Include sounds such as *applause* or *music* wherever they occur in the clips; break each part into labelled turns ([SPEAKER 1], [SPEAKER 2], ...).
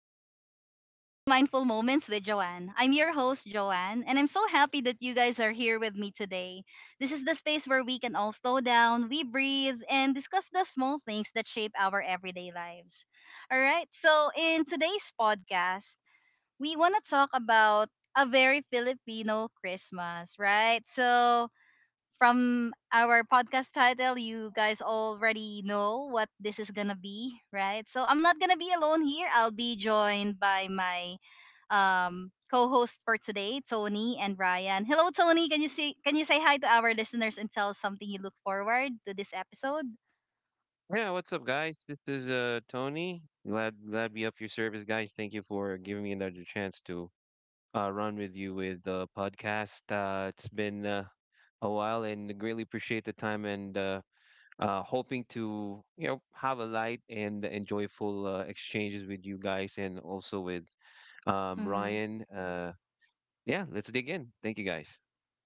[SPEAKER 1] everyone, and welcome to Mindful Moments with Joanne. I'm your host, Joanne, and I'm so happy that you guys are here with me today. This is the space where we can all slow down, we breathe, and discuss the small things that shape our everyday lives. All right, so in today's podcast, we want to talk about a very Filipino Christmas, right? So, from our podcast title, you guys already know what this is gonna be, right? So I'm not gonna be alone here. I'll be joined by my co-host for today, Tony and Ryan. Hello, Tony. Can you say hi to our listeners and tell us something you look forward to this episode?
[SPEAKER 2] Yeah, what's up, guys? This is Tony. Glad to be up your service, guys. Thank you for giving me another chance to run with you with the podcast. It's been a while, and greatly appreciate the time and hoping to have a light and enjoyable exchanges with you guys and also with Ryan. Yeah, let's dig in. Thank you, guys.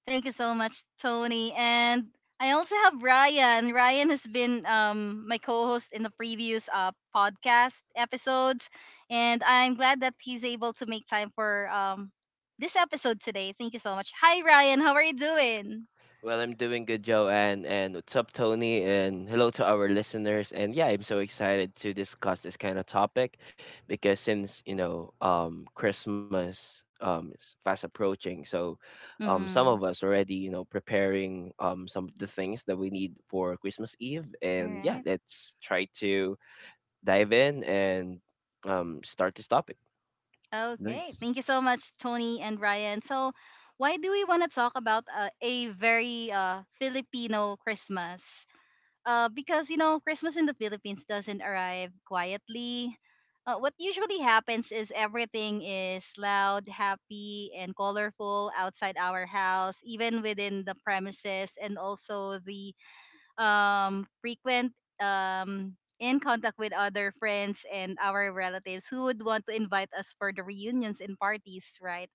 [SPEAKER 1] Thank you so much, Tony. And I also have Ryan. Ryan has been my co-host in the previous podcast episodes, and I'm glad that he's able to make time for this episode today. Thank you so much. Hi, Ryan. How are you doing?
[SPEAKER 3] Well, I'm doing good, Joanne, and what's up, Tony? And hello to our listeners. And yeah, I'm so excited to discuss this kind of topic because since Christmas is fast approaching. So some
[SPEAKER 1] Mm-hmm.
[SPEAKER 3] of us already preparing some of the things that we need for Christmas Eve.
[SPEAKER 1] All
[SPEAKER 3] And yeah,
[SPEAKER 1] right.
[SPEAKER 3] let's try to dive in and start this topic.
[SPEAKER 1] Okay. Thank
[SPEAKER 2] Nice.
[SPEAKER 1] you so much, Tony and Ryan. So, why do we want to talk about a very Filipino Christmas? Because you know, Christmas in the Philippines doesn't arrive quietly. What usually happens is everything is loud, happy, and colorful outside our house, even within the premises, and also the frequent um, in contact with other friends and our relatives who would want to invite us for the reunions and parties, right?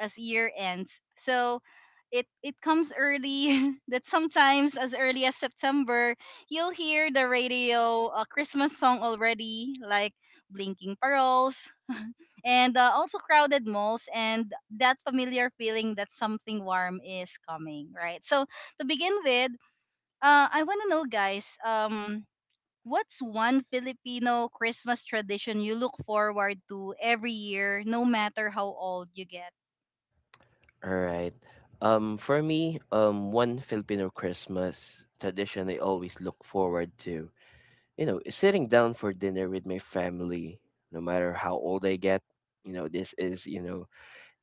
[SPEAKER 1] As year ends. So it comes early *laughs* that sometimes as early as September, you'll hear the radio a Christmas song already, like blinking pearls and also crowded malls and that familiar feeling that something warm is coming, right? So to begin with, I want to know, guys, what's one Filipino Christmas tradition you look forward to every year, no matter how old you get?
[SPEAKER 3] All right. For me, one Filipino Christmas tradition I always look forward to, sitting down for dinner with my family, no matter how old I get. You know, this is, you know,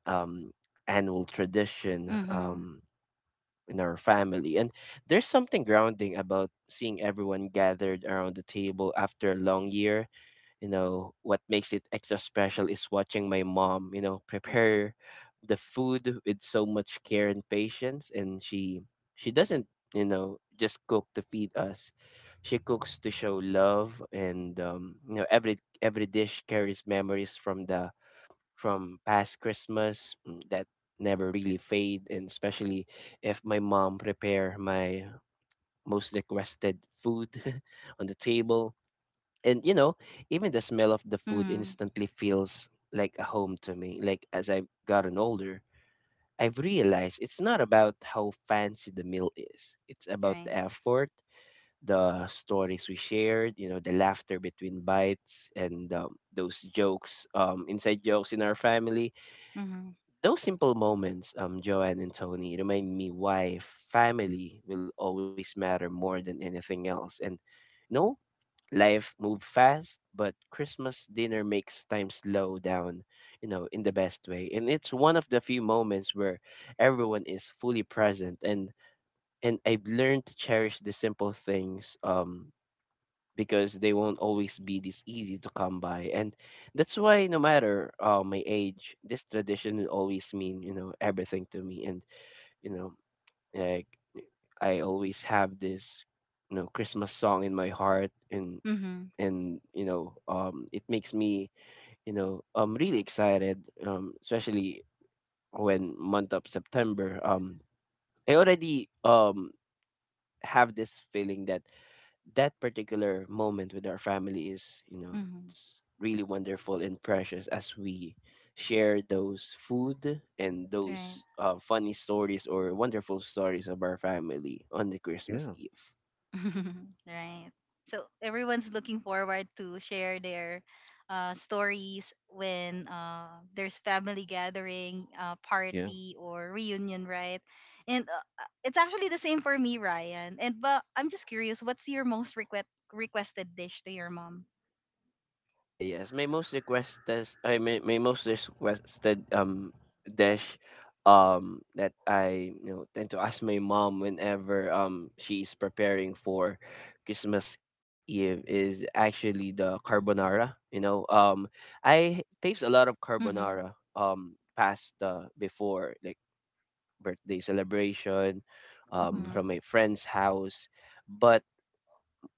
[SPEAKER 3] um, Annual tradition
[SPEAKER 1] Mhm.
[SPEAKER 3] in our family. And there's something grounding about seeing everyone gathered around the table after a long year. You know what makes it extra special is watching my mom prepare the food with so much care and patience. And she doesn't just cook to feed us. She cooks to show love, and every dish carries memories from the from past Christmas that never really fade. And especially if my mom prepare my most requested food *laughs* on the table, and even the smell of the food
[SPEAKER 1] Mhm.
[SPEAKER 3] instantly feels like a home to me. Like as I've gotten older, I've realized it's not about how fancy the meal is, it's about the
[SPEAKER 1] Right.
[SPEAKER 3] effort, the stories we shared, the laughter between bites, and those jokes, inside jokes in our family.
[SPEAKER 1] Mhm.
[SPEAKER 3] Those simple moments, Joanne and Tony, remind me why family will always matter more than anything else. And no, life move fast, but Christmas dinner makes time slow down, in the best way. And it's one of the few moments where everyone is fully present, and I've learned to cherish the simple things because they won't always be this easy to come by. And that's why no matter my age, this tradition will always mean, everything to me. And you know, like I always have this Christmas song in my heart. And
[SPEAKER 1] Mhm.
[SPEAKER 3] it makes me really excited, especially when month of September, I already have this feeling that particular moment with our family is,
[SPEAKER 1] Mhm.
[SPEAKER 3] it's really wonderful and precious as we share those food and
[SPEAKER 1] Right.
[SPEAKER 3] those funny stories or wonderful stories of our family on the Christmas
[SPEAKER 2] Yeah.
[SPEAKER 3] Eve.
[SPEAKER 1] *laughs* Right. So everyone's looking forward to share their stories when there's family gathering,
[SPEAKER 2] Yeah.
[SPEAKER 1] party or reunion, right? And it's actually the same for me, Ryan. And but I'm just curious, what's your most request requested dish to your mom?
[SPEAKER 3] Ah, yes. My most requested, I my my most requested dish that I tend to ask my mom whenever she's preparing for Christmas Eve is actually the carbonara. I taste a lot of
[SPEAKER 1] Mhm.
[SPEAKER 3] carbonara pasta before, like birthday celebration,
[SPEAKER 2] Mm,
[SPEAKER 3] from
[SPEAKER 1] Mhm.
[SPEAKER 3] my friend's house. But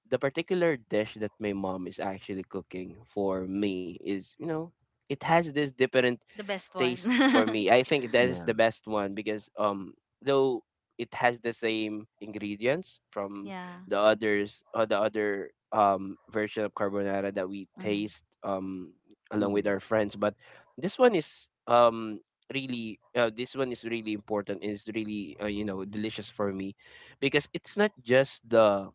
[SPEAKER 3] the particular dish that my mom is actually cooking for me is, it has this different
[SPEAKER 1] The best one.
[SPEAKER 3] taste for
[SPEAKER 1] *laughs*
[SPEAKER 3] me. I think that is
[SPEAKER 2] yeah.
[SPEAKER 3] the best one because though it has the same ingredients from
[SPEAKER 1] Yeah.
[SPEAKER 3] the others or the other version of carbonara that we
[SPEAKER 1] Mhm.
[SPEAKER 3] taste along with our
[SPEAKER 2] Mm.
[SPEAKER 3] friends. But this one is, really this one is really important, and it's really delicious for me, because it's not just the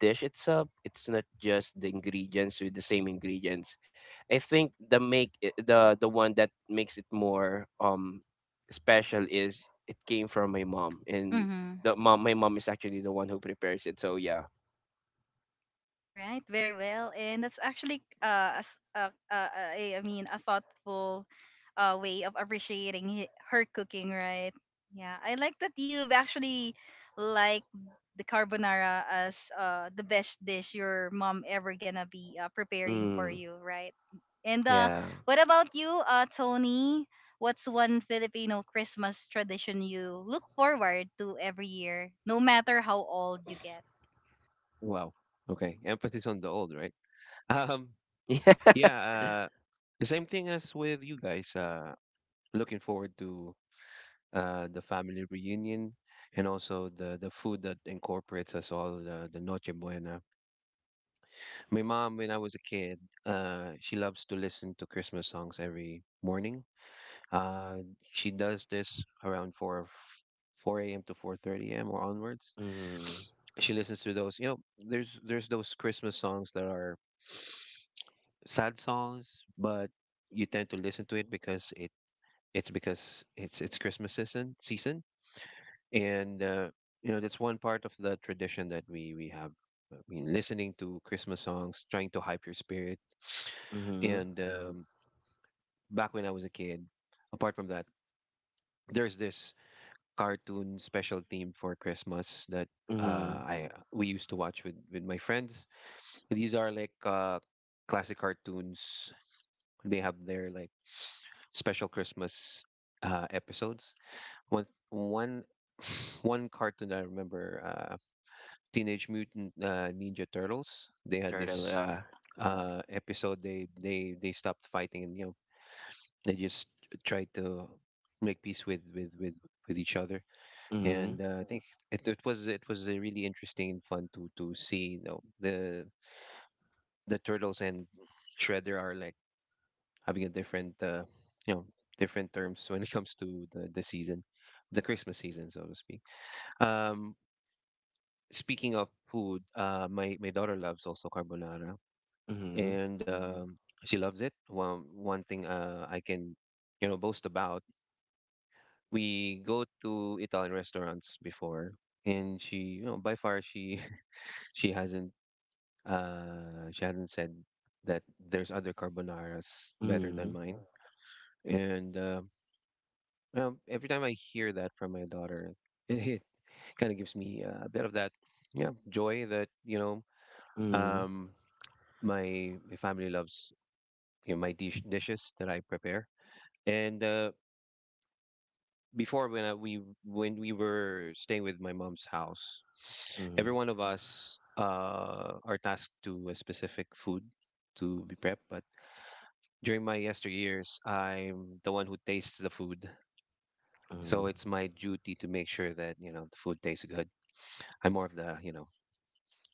[SPEAKER 3] dish itself, it's not just the ingredients with the same ingredients. I think the one that makes it more special is it came from my mom. And
[SPEAKER 1] Mhm.
[SPEAKER 3] the mom my mom is actually the one who prepares it, so yeah.
[SPEAKER 1] All right, very well, and that's actually a, s- a- I mean a thoughtful way of appreciating her cooking, right? Yeah, I like that you've actually liked the carbonara as the best dish your mom ever gonna be preparing for
[SPEAKER 3] mm,
[SPEAKER 1] you, right? And
[SPEAKER 3] yeah.
[SPEAKER 1] what about you, Tony? What's one Filipino Christmas tradition you look forward to every year, no matter how old you get?
[SPEAKER 2] Wow. Okay. Emphasis on the old, right? *laughs* Um.
[SPEAKER 3] *laughs* Yeah.
[SPEAKER 2] Yeah, the same thing as with you guys. Looking forward to the family reunion and also the food that incorporates us all, the Noche Buena. My mom, when I was a kid, she loves to listen to Christmas songs every morning. Uh, she does this around 4 a.m. to 4:30 a.m. or onwards.
[SPEAKER 3] mm,
[SPEAKER 2] She listens to those, you know, there's those Christmas songs that are sad songs, but you tend to listen to it because it's Christmas season, and you know that's one part of the tradition that we have. I mean, listening to Christmas songs, trying to hype your spirit.
[SPEAKER 3] mm-hmm.
[SPEAKER 2] And back when I was a kid, apart from that, there's this cartoon special theme for Christmas that
[SPEAKER 3] Mm-hmm.
[SPEAKER 2] I we used to watch with my friends. These are like classic cartoons. They have their like special Christmas episodes. One one one cartoon I remember, Teenage Mutant Ninja Turtles. They
[SPEAKER 3] It's
[SPEAKER 2] had
[SPEAKER 3] heard a
[SPEAKER 2] this
[SPEAKER 3] lot.
[SPEAKER 2] episode. They stopped fighting and you know they just tried to make peace with each other.
[SPEAKER 3] Mm-hmm.
[SPEAKER 2] And I think it was a really interesting and fun to see. You know the turtles and Shredder are like having a different you know different terms when it comes to the season, the Christmas season, so to speak. Um, Speaking of food, my daughter loves also carbonara,
[SPEAKER 3] Mm-hmm.
[SPEAKER 2] and um, she loves it. One thing I can, you know, boast about. We go to Italian restaurants before, and she, you know, by far she *laughs* she hasn't she hasn't said that there's other carbonaras better
[SPEAKER 3] Mm-hmm.
[SPEAKER 2] than mine. And well, every time I hear that from my daughter, *laughs* it kind of gives me a bit of that, yeah, joy that.
[SPEAKER 3] Mm-hmm.
[SPEAKER 2] Um, my family loves, dishes that I prepare. And before when I, we when we were staying with my mom's house,
[SPEAKER 3] Mm-hmm.
[SPEAKER 2] every one of us are tasked to a specific food to be prepped. But during my yesteryears, I'm the one who tastes the food,
[SPEAKER 3] Mm-hmm.
[SPEAKER 2] so it's my duty to make sure that you know the food tastes good. I'm more of the, you know,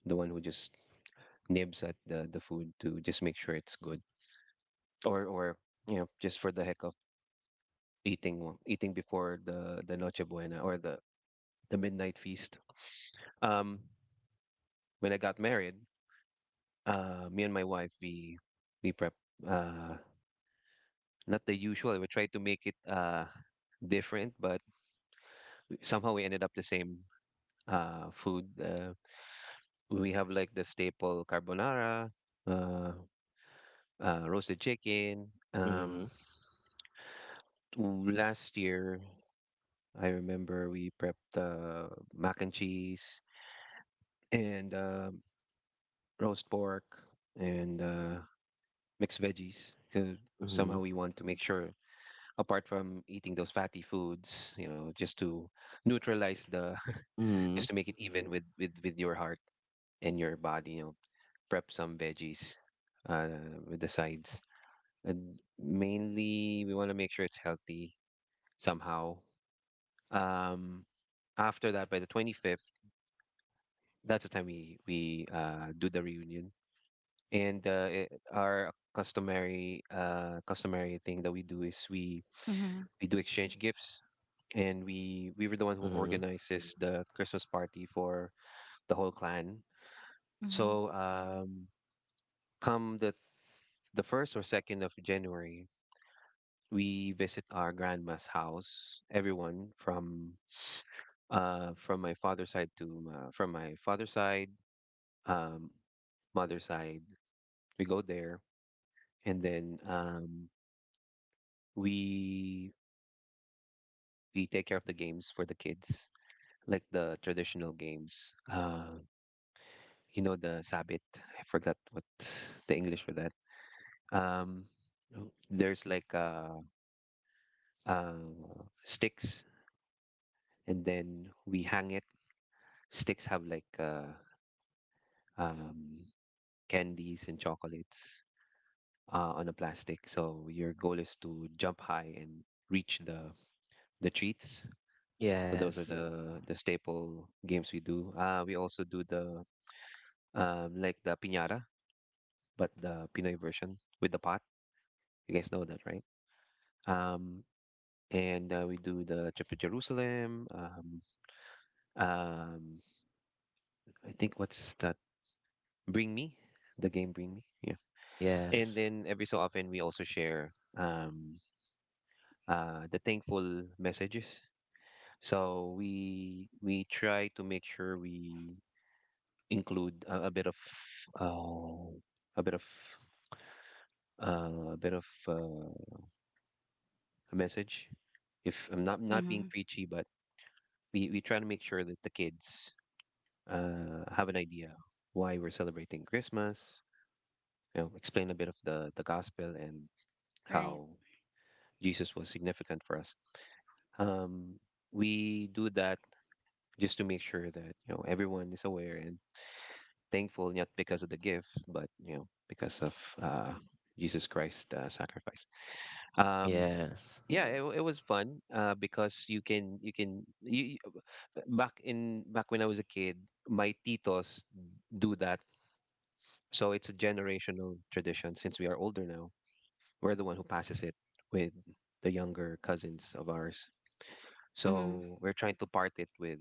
[SPEAKER 2] the one who just nibs at the food to just make sure it's good, or you know, just for the heck eating, eating before the Noche Buena or the midnight feast. Um, when I got married, me and my wife we prep, uh not the usual. We tried to make it different, but somehow we ended up the same food. We have like the staple carbonara, uh, roasted chicken.
[SPEAKER 3] Mm-hmm.
[SPEAKER 2] Um, Last year I remember we prepped mac and cheese and roast pork and mixed veggies. 'Cause
[SPEAKER 3] Mm-hmm.
[SPEAKER 2] somehow we want to make sure, apart from eating those fatty foods, you know, just to neutralize the, *laughs*
[SPEAKER 3] Mm-hmm.
[SPEAKER 2] just to make it even with your heart and your body. You know, prep some veggies uh, with the sides, and mainly we want to make sure it's healthy somehow. Um, After that, by the 25th, that's the time we do the reunion and our customary thing that we do is we
[SPEAKER 1] Mm-hmm.
[SPEAKER 2] do exchange gifts, and we were the one who
[SPEAKER 3] Mm-hmm.
[SPEAKER 2] organizes the Christmas party for the whole clan. So come the first or second of January we visit our grandma's house, everyone from my father's side to my, from my father's side um mother's side. We go there, and then we take care of the games for the kids, like the traditional games. You know, the sabit. I forgot what the English for that. Um, Oh. There's like sticks, and then we hang it. Sticks have like um, candies and chocolates on a plastic. So your goal is to jump high and reach the treats. So those
[SPEAKER 3] Yes.
[SPEAKER 2] are the staple games we do. We also do the, like, the piñata, but the Pinoy version with the pot. You guys know that, right? Um, and we do the trip to Jerusalem. Um, I think, what's that? Bring Me, the game Bring Me. Yeah.
[SPEAKER 3] Yes.
[SPEAKER 2] And then every so often we also share, the thankful messages. So we try to make sure we include a bit of uh, a bit of a bit of a message. If I'm not
[SPEAKER 1] Mm-hmm.
[SPEAKER 2] being preachy, but we try to make sure that the kids have an idea why we're celebrating Christmas. You know, explain a bit of the gospel and
[SPEAKER 1] Right.
[SPEAKER 2] how Jesus was significant for us. Um, we do that just to make sure that you know everyone is aware and thankful, not because of the gift, but you know because of uh, Jesus Christ's sacrifice. Um,
[SPEAKER 3] Yes.
[SPEAKER 2] yeah, it was fun because back in back when I was a kid, my titos do that. So it's a generational tradition. Since we are older now, we're the one who passes it with the younger cousins of ours.
[SPEAKER 1] Mm-hmm.
[SPEAKER 2] So we're trying to part it with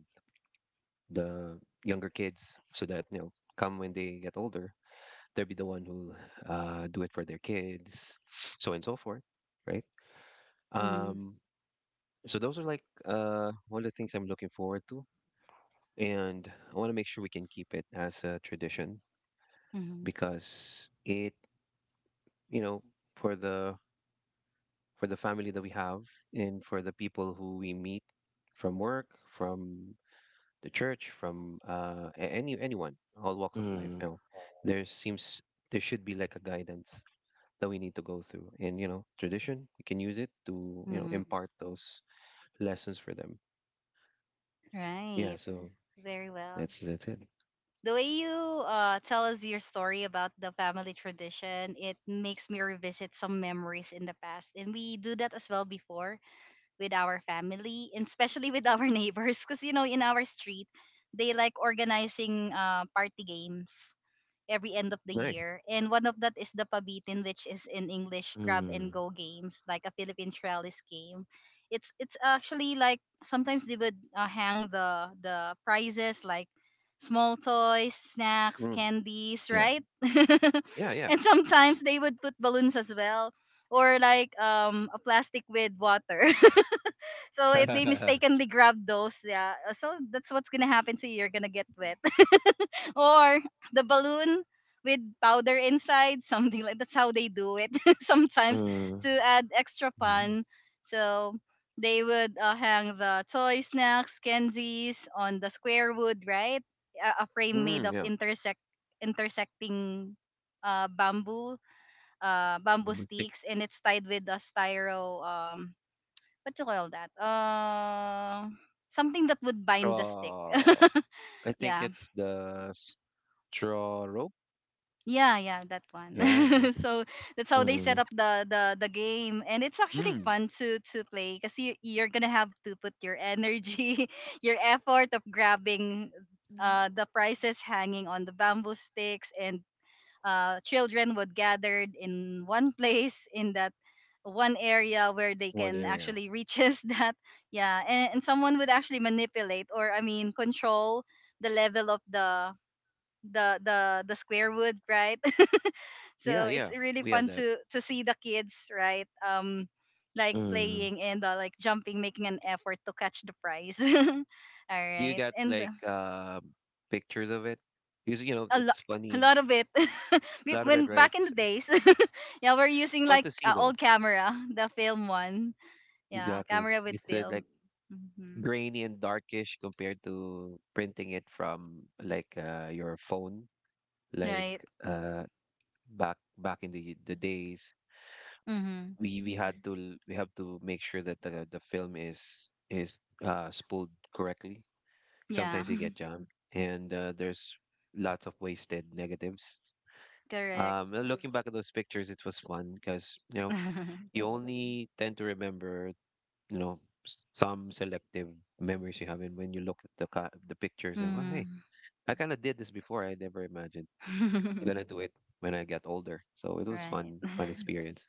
[SPEAKER 2] the younger kids so that you know, come when they get older, they'll be the one who do it for their kids, so and so forth, right?
[SPEAKER 1] Mm-hmm.
[SPEAKER 2] Um, so those are like one of the things I'm looking forward to, and I want to make sure we can keep it as a tradition
[SPEAKER 1] Mm-hmm.
[SPEAKER 2] because, it you know, for the family that we have, and for the people who we meet from work, from the church, from any anyone, all walks of life,
[SPEAKER 3] Mm,
[SPEAKER 2] you know, there seems there should be like a guidance that we need to go through, and you know, tradition, we can use it to, you know,
[SPEAKER 1] Mm-hmm.
[SPEAKER 2] impart those lessons for them. Yeah,
[SPEAKER 1] Right.
[SPEAKER 2] so
[SPEAKER 1] Very well.
[SPEAKER 2] that's it.
[SPEAKER 1] The way you tell us your story about the family tradition, it makes me revisit some memories in the past. And we do that as well before with our family, and especially with our *laughs* neighbors. Because, you know, in our street, they like organizing party games every end of the
[SPEAKER 2] Nice.
[SPEAKER 1] year. And one of that is the Pabitin, which is in English grab
[SPEAKER 3] mm,
[SPEAKER 1] and go games, like a Philippine Trellis game. It's actually like sometimes they would hang the prizes like small toys, snacks,
[SPEAKER 2] Mm.
[SPEAKER 1] candies,
[SPEAKER 2] Yeah.
[SPEAKER 1] right? *laughs*
[SPEAKER 2] Yeah. Yeah.
[SPEAKER 1] And sometimes they would put balloons as well, or like a plastic with water. So if
[SPEAKER 2] *laughs*
[SPEAKER 1] they
[SPEAKER 2] Yeah.
[SPEAKER 1] mistakenly grab those, yeah, so that's what's gonna happen to you. You're gonna get wet, *laughs* or the balloon with powder inside, *laughs* something like that's how they do it *laughs* sometimes
[SPEAKER 3] mm,
[SPEAKER 1] to add extra
[SPEAKER 2] Mhm.
[SPEAKER 1] fun. So they would hang the toy, snacks, candies on the square wood, right? A frame made
[SPEAKER 2] Mm,
[SPEAKER 1] of
[SPEAKER 2] yeah.
[SPEAKER 1] intersecting bamboo, bamboo
[SPEAKER 2] Big-
[SPEAKER 1] sticks, and it's tied with a styro what you call that? Something that would bind the stick.
[SPEAKER 2] oh, I
[SPEAKER 1] *laughs*
[SPEAKER 2] think
[SPEAKER 1] yeah,
[SPEAKER 2] it's the straw rope.
[SPEAKER 1] yeah, that one.
[SPEAKER 2] Yeah, I
[SPEAKER 1] *laughs*
[SPEAKER 2] guess.
[SPEAKER 1] So that's how they
[SPEAKER 3] mm,
[SPEAKER 1] set up the the game, and it's actually
[SPEAKER 2] Mm.
[SPEAKER 1] fun to play because you you're gonna have to put your energy, *laughs* your effort of grabbing
[SPEAKER 2] Mm.
[SPEAKER 1] the prizes hanging on the bamboo sticks. And children would gather in one place, in that one area where they
[SPEAKER 2] One
[SPEAKER 1] can
[SPEAKER 2] area.
[SPEAKER 1] actually reaches *laughs* that. Yeah, and someone would actually manipulate, or I mean control the level of the the square wood, right? *laughs*
[SPEAKER 2] Yeah,
[SPEAKER 1] So it's
[SPEAKER 2] yeah,
[SPEAKER 1] really
[SPEAKER 2] we had
[SPEAKER 1] fun
[SPEAKER 2] that.
[SPEAKER 1] to see the kids, right? Like
[SPEAKER 3] mm.
[SPEAKER 1] playing and like jumping, making an effort to catch the prize. *laughs* All
[SPEAKER 2] Do you
[SPEAKER 1] right.
[SPEAKER 2] got
[SPEAKER 1] And
[SPEAKER 2] like pictures of it? Because you know
[SPEAKER 1] a lot.
[SPEAKER 2] it's
[SPEAKER 1] *laughs* A
[SPEAKER 2] funny.
[SPEAKER 1] lot of it. *laughs*
[SPEAKER 2] A lot of it,
[SPEAKER 1] When
[SPEAKER 2] right?
[SPEAKER 1] back in the
[SPEAKER 2] It's
[SPEAKER 1] days, *laughs* yeah, we're using
[SPEAKER 2] fun
[SPEAKER 1] like
[SPEAKER 2] to see
[SPEAKER 1] old
[SPEAKER 2] those.
[SPEAKER 1] camera, the film one. Yeah,
[SPEAKER 2] Exactly.
[SPEAKER 1] camera with
[SPEAKER 2] It's
[SPEAKER 1] film.
[SPEAKER 2] like
[SPEAKER 1] Hmm.
[SPEAKER 2] grainy and darkish compared to printing it from like your phone, like
[SPEAKER 1] Right.
[SPEAKER 2] uh, back in the days.
[SPEAKER 1] Mm-hmm.
[SPEAKER 2] We have to make sure that the film is spooled correctly.
[SPEAKER 1] Yeah.
[SPEAKER 2] Sometimes they get jammed, and there's lots of wasted negatives.
[SPEAKER 1] *laughs* Correct.
[SPEAKER 2] Looking back at those pictures, it was fun because, you know, you
[SPEAKER 1] *laughs*
[SPEAKER 2] only tend to remember, you know, some selective memories you have, and when you look at the pictures, and well, hey,
[SPEAKER 1] Mm-hmm.
[SPEAKER 2] I kind of did this before. I never imagined I'm
[SPEAKER 1] *laughs*
[SPEAKER 2] gonna do it when I get older. So it was
[SPEAKER 1] Right.
[SPEAKER 2] fun, fun
[SPEAKER 1] *laughs*
[SPEAKER 2] experience.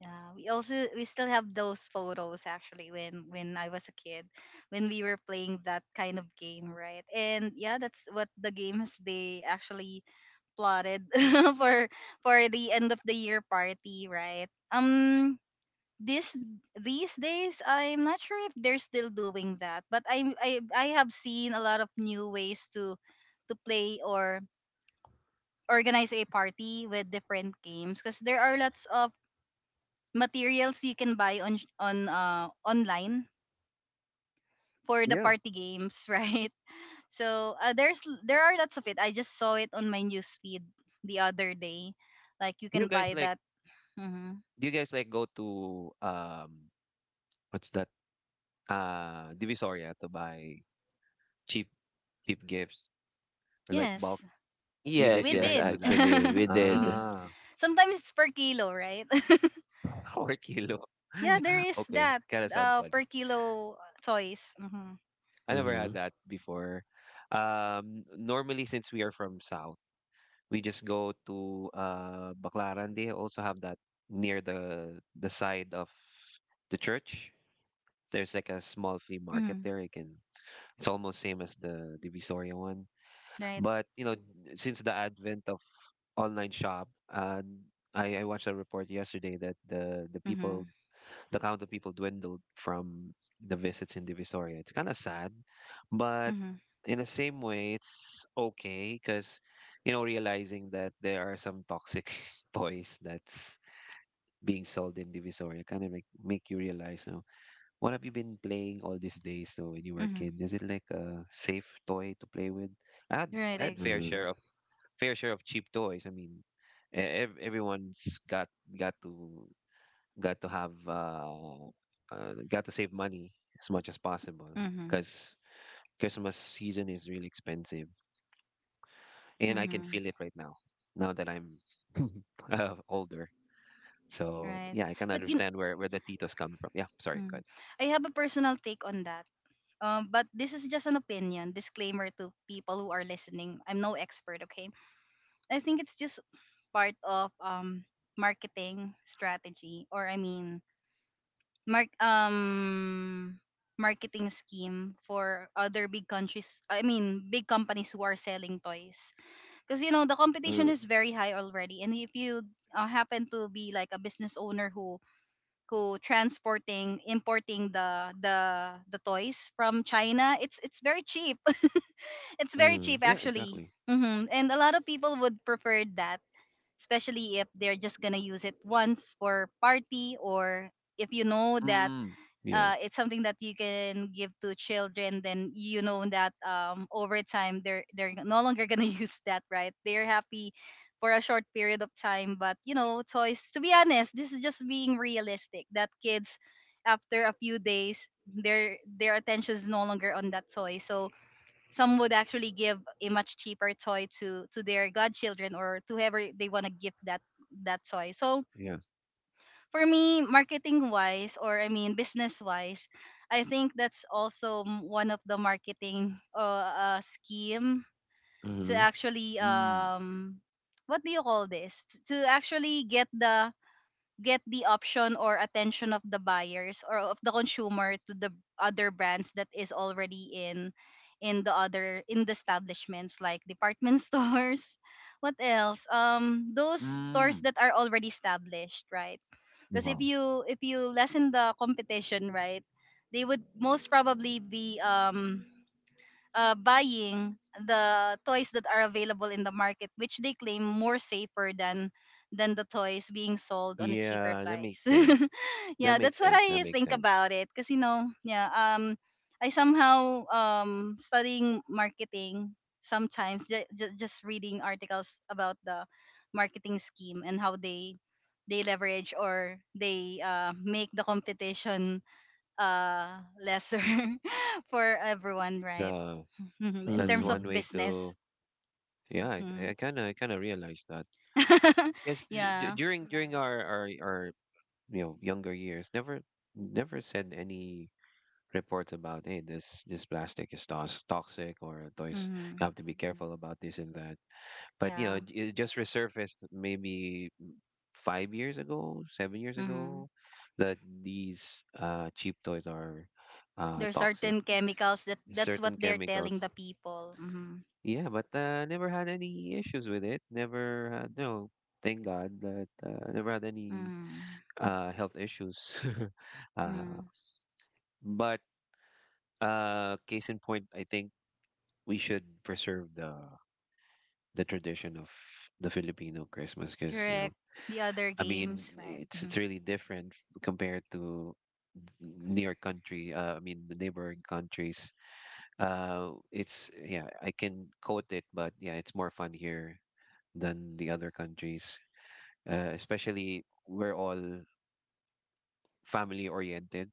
[SPEAKER 1] Yeah, we also, we still have those photos actually when I was a kid, when we were playing that kind of game, right? And yeah, that's what the games they actually plotted *laughs* for for the end of the year party, right? This these days I'm not sure if they're still doing that, but I have seen a lot of new ways to play or organize a party with different games, because there are lots of materials you can buy on online for the
[SPEAKER 2] Yeah,
[SPEAKER 1] party games, *laughs* right? So there's there are lots of it. I just saw it on my newsfeed the other day. Like you
[SPEAKER 2] you
[SPEAKER 1] can
[SPEAKER 2] guys
[SPEAKER 1] buy
[SPEAKER 2] like
[SPEAKER 1] that. Mm-hmm.
[SPEAKER 2] do you guys like go to, what's that, Divisoria, to buy cheap cheap gifts or like bulk?
[SPEAKER 1] Yes,
[SPEAKER 2] You Did
[SPEAKER 3] Yes,
[SPEAKER 1] we
[SPEAKER 2] you
[SPEAKER 3] yes,
[SPEAKER 2] guys
[SPEAKER 1] did.
[SPEAKER 2] do
[SPEAKER 1] *laughs*
[SPEAKER 2] that?
[SPEAKER 3] actually, we did.
[SPEAKER 1] Mhm.
[SPEAKER 2] Ah,
[SPEAKER 1] Sometimes it's per kilo, right? *laughs*
[SPEAKER 2] *laughs* 4 kilo.
[SPEAKER 1] Yeah, there
[SPEAKER 2] *laughs*
[SPEAKER 1] is
[SPEAKER 2] Okay,
[SPEAKER 1] that
[SPEAKER 2] kind of sounds
[SPEAKER 1] per
[SPEAKER 2] funny.
[SPEAKER 1] kilo toys. Mm-hmm.
[SPEAKER 2] I never
[SPEAKER 3] Mm,
[SPEAKER 2] had that before. Normally, since we are from South, we just go to Baclaran. They also have that near the side of the church. There's like a small flea market
[SPEAKER 1] Mm-hmm.
[SPEAKER 2] there. You can It's almost same as the Divisoria one.
[SPEAKER 1] Right.
[SPEAKER 2] But you know, since the advent of online shop, I watched a report yesterday that the people,
[SPEAKER 1] Mm-hmm.
[SPEAKER 2] the count of people dwindled from the visits in Divisoria. It's kind of sad, but
[SPEAKER 1] Mm-hmm.
[SPEAKER 2] in the same way, it's okay because, you know, realizing that there are some toxic *laughs* toys that's being sold in Divisoria kind of make you realize, what have you been playing all these days so when you were a
[SPEAKER 1] Mm-hmm.
[SPEAKER 2] kid? Is it like a safe toy to play with? I had
[SPEAKER 1] Right,
[SPEAKER 2] I
[SPEAKER 1] I
[SPEAKER 2] had fair
[SPEAKER 3] mm,
[SPEAKER 1] agree.
[SPEAKER 2] share of cheap toys. I mean, everyone's got to got to have got to save money as much as possible
[SPEAKER 1] Mm-hmm.
[SPEAKER 2] because Christmas season is really expensive, and I can
[SPEAKER 1] Mm-hmm.
[SPEAKER 2] feel it right now. Now that I'm *laughs* older, so
[SPEAKER 1] Right.
[SPEAKER 2] yeah, I can
[SPEAKER 1] But you,
[SPEAKER 2] understand where the titos come from. Yeah, sorry, go
[SPEAKER 1] mm,
[SPEAKER 2] ahead.
[SPEAKER 1] I have a personal take on that. But this is just an opinion. Disclaimer to people who are listening. I'm no expert. Okay. I think it's just part of marketing strategy, or I mean, mark um marketing scheme for other big countries, I mean big companies who are selling toys, because you
[SPEAKER 3] mm,
[SPEAKER 1] know the competition is very high already. And if you happen to be like a business owner who transporting, importing the the toys from China, it's very cheap. *laughs* It's very
[SPEAKER 3] mm,
[SPEAKER 1] cheap
[SPEAKER 2] Yeah,
[SPEAKER 1] actually.
[SPEAKER 2] exactly.
[SPEAKER 1] Hmm. And a lot of people would prefer that, especially if they're just gonna use it once for party, or if you know that
[SPEAKER 2] Mm, yeah,
[SPEAKER 1] it's something that you can give to children. Then you know that over time they're no longer gonna *laughs* use that, right? They're happy for a short period of time. But you know, toys, to be honest, this is just being realistic, that kids after a few days, their attention is no longer on that toy. So some would actually give a much cheaper toy to their godchildren, or to whoever they want to give that that toy. So
[SPEAKER 2] yeah.
[SPEAKER 1] for me, marketing wise, or I mean, business wise, I think that's also one of the marketing scheme to
[SPEAKER 3] mm,
[SPEAKER 1] actually
[SPEAKER 2] Mm.
[SPEAKER 1] what do you call this? To actually get the option or attention of the buyers or of the consumer to the other brands that is already in the other in the establishments like department *laughs* stores, what else, those stores
[SPEAKER 2] Mm.
[SPEAKER 1] that are already established, right? Because
[SPEAKER 2] Wow.
[SPEAKER 1] if you lessen the competition, right, they would most probably be buying the toys that are available in the market, which they claim more safer than the toys being sold on a cheaper
[SPEAKER 2] Yeah, that
[SPEAKER 1] price.
[SPEAKER 2] makes
[SPEAKER 1] *laughs*
[SPEAKER 2] sense. That
[SPEAKER 1] Yeah,
[SPEAKER 2] makes
[SPEAKER 1] that's what
[SPEAKER 2] sense. That
[SPEAKER 1] I
[SPEAKER 2] makes
[SPEAKER 1] think
[SPEAKER 2] sense.
[SPEAKER 1] about it. Cause you know, yeah, I somehow studying marketing, sometimes just reading articles about the marketing scheme and how they leverage or they make the competition lesser *laughs* for everyone, right?
[SPEAKER 2] So
[SPEAKER 1] *laughs* In
[SPEAKER 2] that's
[SPEAKER 1] terms
[SPEAKER 3] mm,
[SPEAKER 1] of
[SPEAKER 2] one way
[SPEAKER 1] business.
[SPEAKER 2] to, yeah,
[SPEAKER 1] Mhm.
[SPEAKER 2] I kind of realized that
[SPEAKER 1] *laughs*
[SPEAKER 2] because
[SPEAKER 1] Yeah.
[SPEAKER 2] during our you know younger years, never never said any reports about, hey, this plastic is tos toxic, or toys you
[SPEAKER 1] Hmm.
[SPEAKER 2] have to be careful about this and that. But you know,
[SPEAKER 1] Yeah.
[SPEAKER 2] it just resurfaced maybe 5 years ago, 7 years
[SPEAKER 1] Hmm.
[SPEAKER 2] ago, that these cheap toys are
[SPEAKER 1] There are
[SPEAKER 2] toxic.
[SPEAKER 1] certain chemicals that that's what
[SPEAKER 2] Certain
[SPEAKER 1] they're telling
[SPEAKER 2] chemicals.
[SPEAKER 1] the people. Hmm.
[SPEAKER 2] Yeah, but never had any issues with it. Never had, no, thank God that never had any
[SPEAKER 1] Hmm.
[SPEAKER 2] health issues. *laughs* uh,
[SPEAKER 1] Hmm.
[SPEAKER 2] but case in point, I think we should preserve the tradition of the Filipino Christmas because, you know,
[SPEAKER 1] Correct. The other
[SPEAKER 2] I mean,
[SPEAKER 1] games, right?
[SPEAKER 2] it's
[SPEAKER 1] Hmm.
[SPEAKER 2] really different compared to near country I mean the neighboring countries. It's, yeah, I can quote it, but yeah, it's more fun here than the other countries, especially we're all family oriented,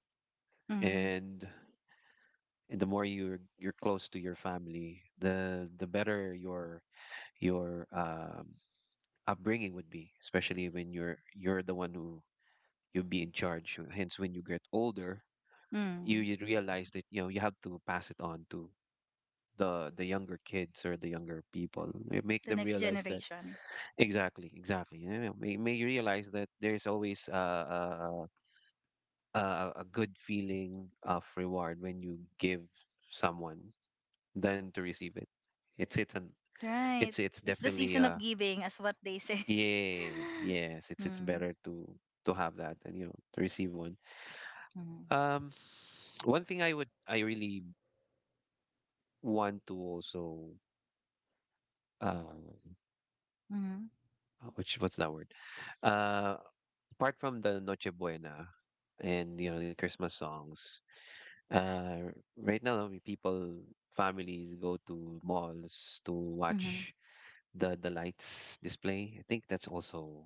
[SPEAKER 1] Hmm.
[SPEAKER 2] and the more you're close to your family, the better your your upbringing would be, especially when you're the one who you'll be in charge, hence when you get older,
[SPEAKER 1] Mm.
[SPEAKER 2] you realize that you know you have to pass it on to the younger kids or the younger people.
[SPEAKER 1] The
[SPEAKER 2] Make them
[SPEAKER 1] next
[SPEAKER 2] realize that
[SPEAKER 1] generation. Mm-hmm.
[SPEAKER 2] exactly, exactly. Yeah, may you realize that there's always a, a a good feeling of reward when you give someone than to receive it. It's an
[SPEAKER 1] Right.
[SPEAKER 2] it's
[SPEAKER 1] It's the
[SPEAKER 2] definitely,
[SPEAKER 1] season of giving, as what they say.
[SPEAKER 2] yeah, yes, it's better
[SPEAKER 1] *laughs*
[SPEAKER 2] to have that and you know to receive one.
[SPEAKER 1] Mm-hmm.
[SPEAKER 2] Um, one thing I would I really want to also, uh,
[SPEAKER 1] Mm-hmm.
[SPEAKER 2] which, what's that word? uh Apart from the Noche Buena and you know the Christmas songs, uh, right now we, people, families go to malls to
[SPEAKER 1] Mm-hmm.
[SPEAKER 2] watch the lights display. I think that's also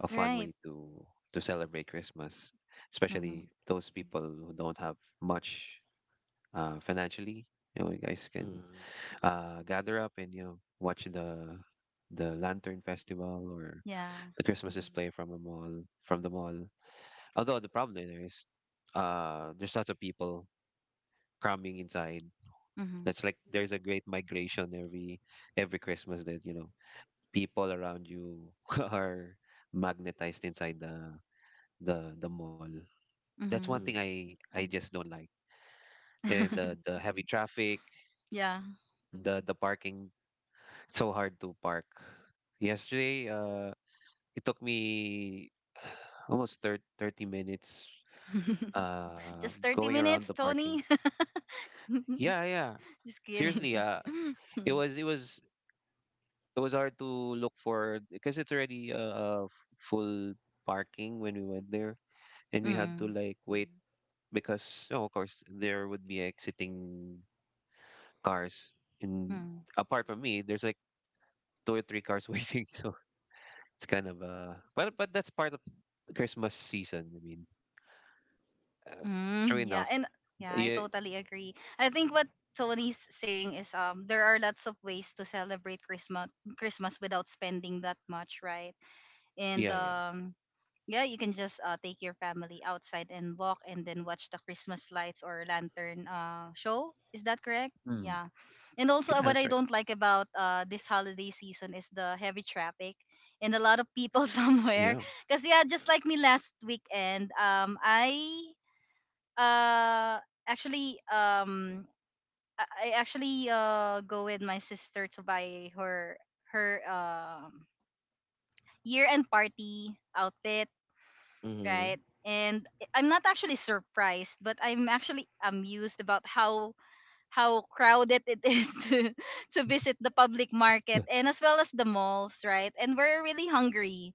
[SPEAKER 2] a fun
[SPEAKER 1] Right.
[SPEAKER 2] way to celebrate Christmas,
[SPEAKER 1] Mhm.
[SPEAKER 2] especially those people who don't have much financially. You know, you guys can gather up and you know watch the lantern festival or
[SPEAKER 1] Yeah.
[SPEAKER 2] the Christmas display from a mall, from the mall although the problem there is, there's lots of people cramming inside.
[SPEAKER 1] Mhm.
[SPEAKER 2] That's like there's a great migration every Christmas, that you know people around you *laughs* are magnetized inside the the mall. That's one thing
[SPEAKER 1] Mhm.
[SPEAKER 3] mm,
[SPEAKER 2] I just don't like. And the
[SPEAKER 1] *laughs*
[SPEAKER 2] heavy traffic,
[SPEAKER 1] Yeah.
[SPEAKER 2] the parking, it's so hard to park. Yesterday, it took me *sighs* almost thir 30 minutes
[SPEAKER 1] *laughs* Just 30
[SPEAKER 2] going around
[SPEAKER 1] minutes,
[SPEAKER 2] the parking.
[SPEAKER 1] Tony. *laughs*
[SPEAKER 2] Yeah, yeah.
[SPEAKER 1] Just kidding.
[SPEAKER 2] Seriously, uh
[SPEAKER 1] *laughs*
[SPEAKER 2] it was it was it was hard to look for because it's already full parking when we went there,
[SPEAKER 1] Mm.
[SPEAKER 2] and we had
[SPEAKER 1] Mm.
[SPEAKER 2] to like wait because, oh, of course there would be exiting cars. And apart from me there's like two or three cars *laughs* waiting, so it's kind of, but that's part of Christmas season, I mean, uh, true
[SPEAKER 1] Mm. Yeah,
[SPEAKER 2] enough.
[SPEAKER 1] and yeah, I
[SPEAKER 2] Yeah,
[SPEAKER 1] totally agree. I think what Tony's saying is there are lots of ways to celebrate Christmas without spending that much, right? And
[SPEAKER 2] yeah, yeah.
[SPEAKER 1] yeah, you can just take your family outside and walk, and then watch the Christmas lights or lantern show. Is that correct?
[SPEAKER 2] Mm,
[SPEAKER 1] Yeah. And also,
[SPEAKER 2] yeah,
[SPEAKER 1] what
[SPEAKER 2] that's
[SPEAKER 1] I
[SPEAKER 2] right.
[SPEAKER 1] don't like about this holiday season is the heavy traffic and a lot of people *laughs* somewhere.
[SPEAKER 2] Yeah,
[SPEAKER 1] Because, yeah, just like me last weekend, I uh, actually. I actually go with my sister to buy her her um year end party outfit,
[SPEAKER 3] mm,
[SPEAKER 1] right? And I'm not actually surprised, but I'm actually amused about how crowded it is *laughs* to visit the public market and as well as the malls, right? And we're really hungry.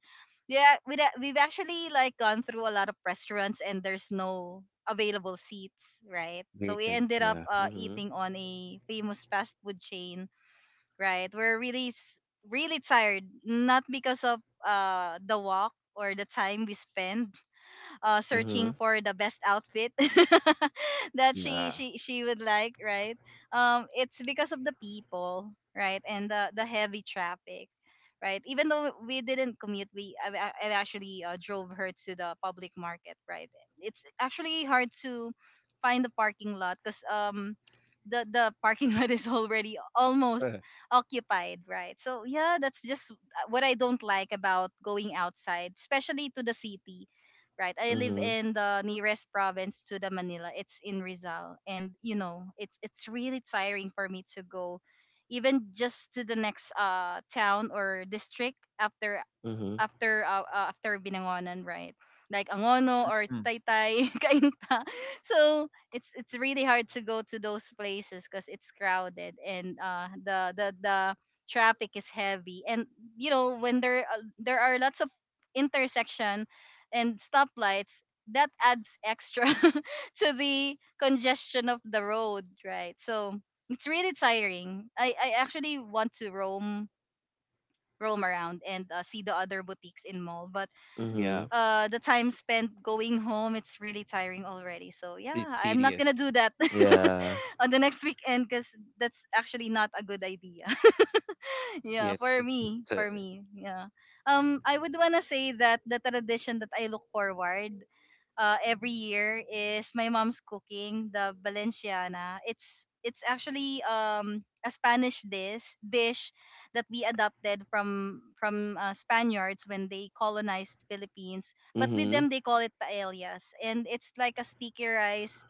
[SPEAKER 1] Yeah, we've actually like gone through a lot of restaurants and there's no available seats, right? So
[SPEAKER 2] we
[SPEAKER 1] we
[SPEAKER 3] mhm,
[SPEAKER 2] can
[SPEAKER 1] ended up
[SPEAKER 3] mhm,
[SPEAKER 2] yeah.
[SPEAKER 1] eating on a famous fast food chain, right? We're really tired, not because of the walk or the time we spend
[SPEAKER 3] mhm,
[SPEAKER 1] searching for the best outfit *laughs* that she
[SPEAKER 2] Yeah.
[SPEAKER 1] she
[SPEAKER 2] *laughs*
[SPEAKER 1] she would like, right? It's because of the people, right, and the heavy traffic, right? Even though we didn't commute, we I actually drove her to the public market, right? It's actually hard to find the parking lot because the *laughs* parking lot is already
[SPEAKER 2] Uh,
[SPEAKER 1] almost occupied, right? So yeah, that's just what I don't like about going outside, especially to the city, right? I live
[SPEAKER 3] mhm,
[SPEAKER 1] in the nearest province to the Manila. It's in Rizal, and you know, it's really tiring for me to go, even just to the next town or district after
[SPEAKER 3] mhm,
[SPEAKER 1] after uh, uh, after Binangonan, right, like Angono
[SPEAKER 2] mm,
[SPEAKER 1] or
[SPEAKER 2] mm.
[SPEAKER 1] Taytay *laughs* Kainta. So it's really hard to go to those places because it's crowded and the traffic is heavy, and you know, when there are lots of intersection and stoplights that adds extra *laughs* to the congestion of the road, right? So it's really tiring. I actually want to roam around and see the other boutiques in mall, but
[SPEAKER 2] Yeah,
[SPEAKER 3] mhm.
[SPEAKER 1] the time spent going home, it's really tiring already. So
[SPEAKER 2] it's
[SPEAKER 1] yeah, I'm not
[SPEAKER 2] tedious.
[SPEAKER 1] gonna do that *laughs*
[SPEAKER 3] Yeah.
[SPEAKER 1] on the next weekend because that's actually not a good idea. *laughs* Yeah,
[SPEAKER 2] Yeah,
[SPEAKER 1] for
[SPEAKER 2] it's
[SPEAKER 1] me
[SPEAKER 2] the
[SPEAKER 1] for me yeah. I would wanna say that the tradition that I look forward every year is my mom's cooking, the Valenciana. It's actually a Spanish dish that we adopted from Spaniards when they colonized Philippines. But
[SPEAKER 3] Mm-hmm.
[SPEAKER 1] with them, they call it paellas, and it's like a sticky rice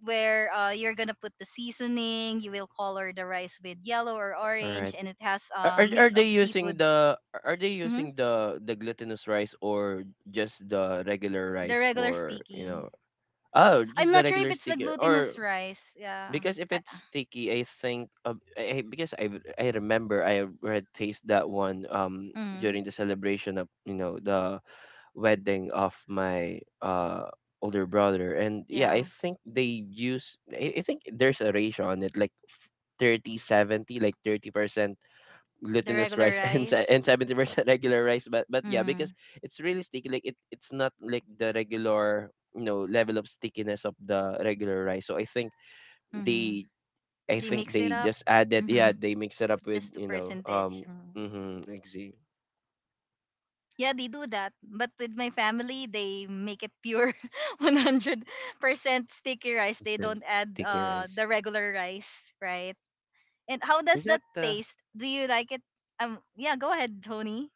[SPEAKER 1] where you're gonna put the seasoning. You will color the rice with yellow or
[SPEAKER 3] All
[SPEAKER 1] orange,
[SPEAKER 3] right.
[SPEAKER 1] and it has
[SPEAKER 3] Are,
[SPEAKER 1] a
[SPEAKER 3] are are
[SPEAKER 1] mix of
[SPEAKER 3] they using
[SPEAKER 1] seafoods.
[SPEAKER 3] the, are they
[SPEAKER 1] Hmm.
[SPEAKER 3] using the glutinous rice or just the regular
[SPEAKER 1] The
[SPEAKER 3] rice
[SPEAKER 1] regular
[SPEAKER 3] for,
[SPEAKER 1] sticky.
[SPEAKER 3] oh, just
[SPEAKER 1] I'm
[SPEAKER 3] the
[SPEAKER 1] not sure if
[SPEAKER 3] regular
[SPEAKER 1] it's the
[SPEAKER 3] sticky
[SPEAKER 1] glutinous
[SPEAKER 3] or,
[SPEAKER 1] rice. Yeah.
[SPEAKER 3] because if it's sticky, I think of, because I remember I had taste that one
[SPEAKER 1] Mm.
[SPEAKER 3] during the celebration of the wedding of my older brother. And yeah, I
[SPEAKER 1] Yeah,
[SPEAKER 3] think they use, I think there's a ratio on it like f- 30-70, like 30%
[SPEAKER 1] the
[SPEAKER 3] glutinous
[SPEAKER 1] regular
[SPEAKER 3] rice *laughs*
[SPEAKER 1] rice.
[SPEAKER 3] and 70% regular rice. But yeah, because
[SPEAKER 1] Mm.
[SPEAKER 3] it's really sticky. Like it, it's not like the regular, level of stickiness of the regular rice. So I think
[SPEAKER 1] Mm.
[SPEAKER 3] they, I
[SPEAKER 1] They
[SPEAKER 3] think
[SPEAKER 1] mix it
[SPEAKER 3] they
[SPEAKER 1] up
[SPEAKER 3] just added, yeah,
[SPEAKER 1] *laughs*
[SPEAKER 3] they mix it up with,
[SPEAKER 1] just the percentage. Mm.
[SPEAKER 3] mm-hmm, exe-
[SPEAKER 1] Yeah, they do that. But with my family, they make it pure *laughs* 100% sticky rice. They
[SPEAKER 2] instant
[SPEAKER 1] don't add
[SPEAKER 2] sticky rice.
[SPEAKER 1] the regular rice, right? And how does
[SPEAKER 2] Is that
[SPEAKER 1] that
[SPEAKER 2] the?
[SPEAKER 1] taste? Do you like it? Yeah, go ahead, Tony.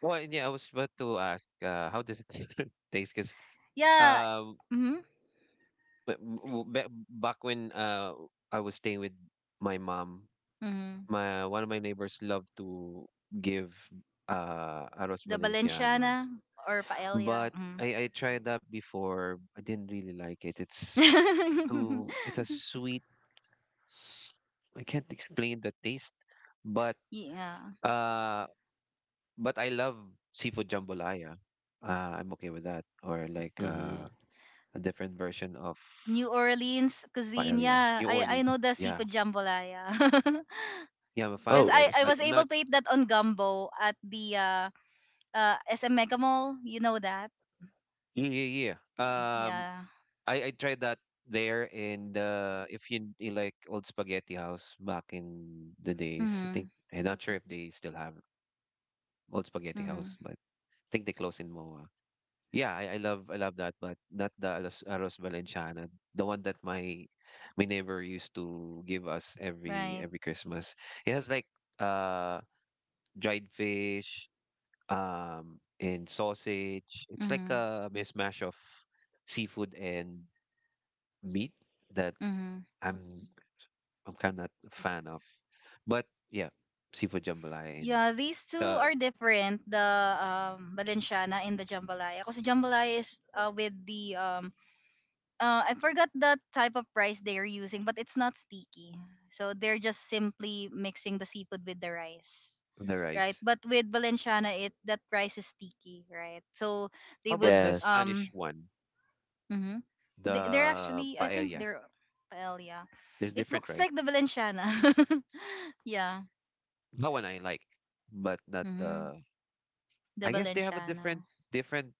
[SPEAKER 2] Well, yeah, I was about to ask. How does it *laughs* taste? Because,
[SPEAKER 1] Yeah.
[SPEAKER 2] um,
[SPEAKER 1] Mhm.
[SPEAKER 2] but back when I was staying with my mom,
[SPEAKER 1] Hmm.
[SPEAKER 2] my one of my neighbors loved to give arroz
[SPEAKER 1] The
[SPEAKER 2] valenciana,
[SPEAKER 1] Valenciana or paella.
[SPEAKER 2] but
[SPEAKER 1] Mm.
[SPEAKER 2] I tried that before. I didn't really like it. It's too.
[SPEAKER 1] *laughs*
[SPEAKER 2] It's a sweet. I can't explain the taste, but
[SPEAKER 1] Yeah.
[SPEAKER 2] uh but I love seafood jambalaya. I'm okay with that. Or like
[SPEAKER 3] mm-hmm.
[SPEAKER 2] a different version of
[SPEAKER 1] New Orleans cuisine.
[SPEAKER 2] paella.
[SPEAKER 1] Yeah,
[SPEAKER 2] New
[SPEAKER 1] I know
[SPEAKER 2] Orleans.
[SPEAKER 1] the
[SPEAKER 2] Yeah.
[SPEAKER 1] seafood jambalaya. *laughs*
[SPEAKER 2] Yeah, I'm a fan
[SPEAKER 1] Cause
[SPEAKER 2] of
[SPEAKER 3] Oh,
[SPEAKER 2] it.
[SPEAKER 1] I
[SPEAKER 2] But
[SPEAKER 3] see,
[SPEAKER 1] was
[SPEAKER 2] I'm
[SPEAKER 1] able
[SPEAKER 2] not.
[SPEAKER 1] to eat that on gumbo at the SM Mega Mall. You know that?
[SPEAKER 2] Yeah, yeah, yeah. Um,
[SPEAKER 1] Yeah.
[SPEAKER 2] I tried that there in the if you, you like Old Spaghetti House back in the days. I think
[SPEAKER 1] Mhm.
[SPEAKER 2] I'm not sure if they still have Old Spaghetti House,
[SPEAKER 1] Mhm.
[SPEAKER 2] but I think they closed in MOA. Yeah, I love that, but not the Aros, Aros Valenciana, the one that my neighbor used to give us
[SPEAKER 1] Right.
[SPEAKER 2] every Christmas. It has like uh dried fish, and sausage. It's like
[SPEAKER 1] Mhm.
[SPEAKER 2] a mismatch of seafood and meat that
[SPEAKER 1] Mhm.
[SPEAKER 2] I'm I'm kind of a fan of. But yeah, seafood jambalaya and
[SPEAKER 1] Yeah, these two
[SPEAKER 2] the
[SPEAKER 1] are different. The Balenciana and the jambalaya. Cause jambalaya is with the I forgot the type of rice they are using, but it's not sticky. So they're just simply mixing the seafood with the rice, right?
[SPEAKER 2] rice.
[SPEAKER 1] But with Valenciana, it that rice is sticky, right? So they
[SPEAKER 2] How
[SPEAKER 1] would
[SPEAKER 2] about the
[SPEAKER 3] yes,
[SPEAKER 2] Spanish one,
[SPEAKER 1] mhm,
[SPEAKER 2] the
[SPEAKER 1] they're actually I think
[SPEAKER 2] paella?
[SPEAKER 1] they're paella.
[SPEAKER 2] There's
[SPEAKER 1] It
[SPEAKER 2] different,
[SPEAKER 1] looks
[SPEAKER 2] right?
[SPEAKER 1] like the Valenciana, *laughs* yeah.
[SPEAKER 2] That one I like, but not
[SPEAKER 1] Hmm.
[SPEAKER 2] the. I
[SPEAKER 1] The
[SPEAKER 2] guess they have a different
[SPEAKER 1] Valenciana.
[SPEAKER 2] different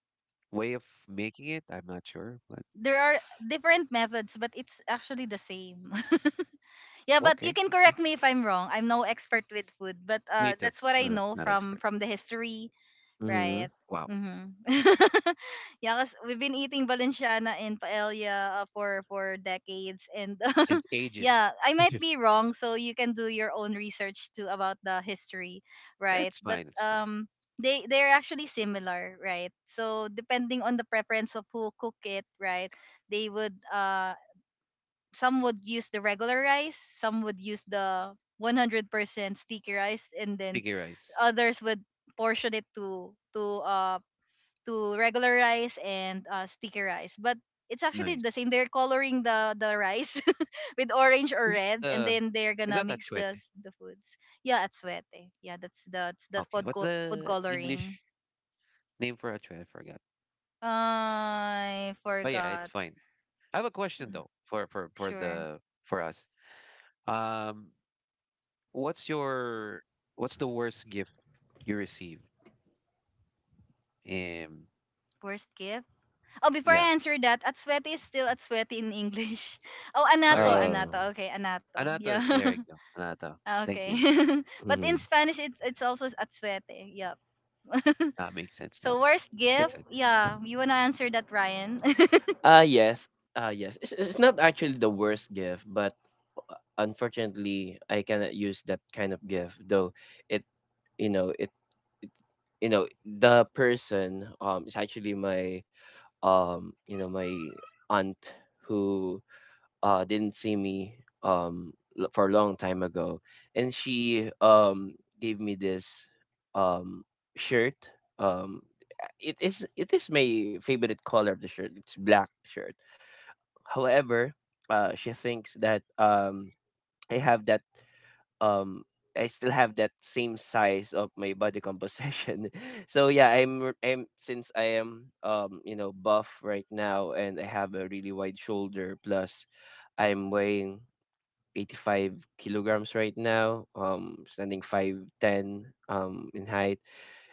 [SPEAKER 2] way of making it. I'm not sure, but
[SPEAKER 1] There are different methods, but it's actually the same. *laughs* Yeah, but you
[SPEAKER 2] okay,
[SPEAKER 1] can correct
[SPEAKER 2] okay.
[SPEAKER 1] me if I'm wrong. I'm no expert with food, but
[SPEAKER 2] Me too.
[SPEAKER 1] that's what I
[SPEAKER 2] Not
[SPEAKER 1] know
[SPEAKER 2] not expert.
[SPEAKER 1] from the history.
[SPEAKER 3] mm-hmm.
[SPEAKER 1] Right.
[SPEAKER 2] Wow,
[SPEAKER 1] Mm-hmm. *laughs* Yeah, cause we've been eating Valenciana and paella for decades, and *laughs*
[SPEAKER 2] since ages.
[SPEAKER 1] yeah, I might
[SPEAKER 2] *laughs*
[SPEAKER 1] be wrong, so you can do your own research too about the history, right?
[SPEAKER 2] It's
[SPEAKER 1] But
[SPEAKER 2] fine. It's fine.
[SPEAKER 1] they they're actually similar, right? So depending on the preference of who cook it, right? They would some would use the regular rice, some would use the 100% sticky rice, and then
[SPEAKER 2] Sticky rice.
[SPEAKER 1] others would portion it to regular rice and sticky rice. But it's actually the
[SPEAKER 2] Nice.
[SPEAKER 1] same. They're coloring the rice *laughs* with orange or
[SPEAKER 2] Is it
[SPEAKER 1] red, and
[SPEAKER 2] the?
[SPEAKER 1] then they're
[SPEAKER 2] Is
[SPEAKER 1] gonna
[SPEAKER 2] that
[SPEAKER 1] mix
[SPEAKER 2] achuete?
[SPEAKER 1] the foods. Yeah, at Suete. Yeah, that's the
[SPEAKER 2] Okay. What's
[SPEAKER 1] food
[SPEAKER 2] the
[SPEAKER 1] coloring.
[SPEAKER 2] English name for achuete? I forgot.
[SPEAKER 1] I
[SPEAKER 2] But yeah, it's
[SPEAKER 1] forgot.
[SPEAKER 2] fine. I have a question though for
[SPEAKER 1] Sure.
[SPEAKER 2] the for us. Um, what's your what's the worst gift you received? Um,
[SPEAKER 1] Worst gift. Oh, before
[SPEAKER 2] Yeah.
[SPEAKER 1] I answer that, at Suete is still at Suete in English. *laughs* Oh,
[SPEAKER 2] Oh, really?
[SPEAKER 3] Uh,
[SPEAKER 1] anato. Okay, anato. Yeah.
[SPEAKER 2] Anato. There you
[SPEAKER 1] *laughs*
[SPEAKER 2] go. Anato.
[SPEAKER 1] Ah,
[SPEAKER 2] Thank
[SPEAKER 1] okay.
[SPEAKER 2] you.
[SPEAKER 1] *laughs* But in
[SPEAKER 3] mm-hmm.
[SPEAKER 1] Spanish, it's also atsuete. Yep. *laughs*
[SPEAKER 2] That makes sense now.
[SPEAKER 1] So worst
[SPEAKER 2] Makes
[SPEAKER 1] gift?
[SPEAKER 2] sense.
[SPEAKER 1] Yeah, you wanna answer that, Ryan?
[SPEAKER 3] Ah yes, Ah yes. It's not actually the worst gift, but unfortunately, I cannot use that kind of gift. Though it, you know, it, it the person, is actually my, my aunt, who didn't see me for a long time ago. And she gave me this um shirt. um it is my favorite color of the shirt, it's black shirt. However, she thinks that i have that um I still have that same size of my body composition. *laughs* So yeah, I'm, since I am, buff right now, and I have a really wide shoulder. Plus I'm weighing 85 kilograms right now, standing 5'10", in height.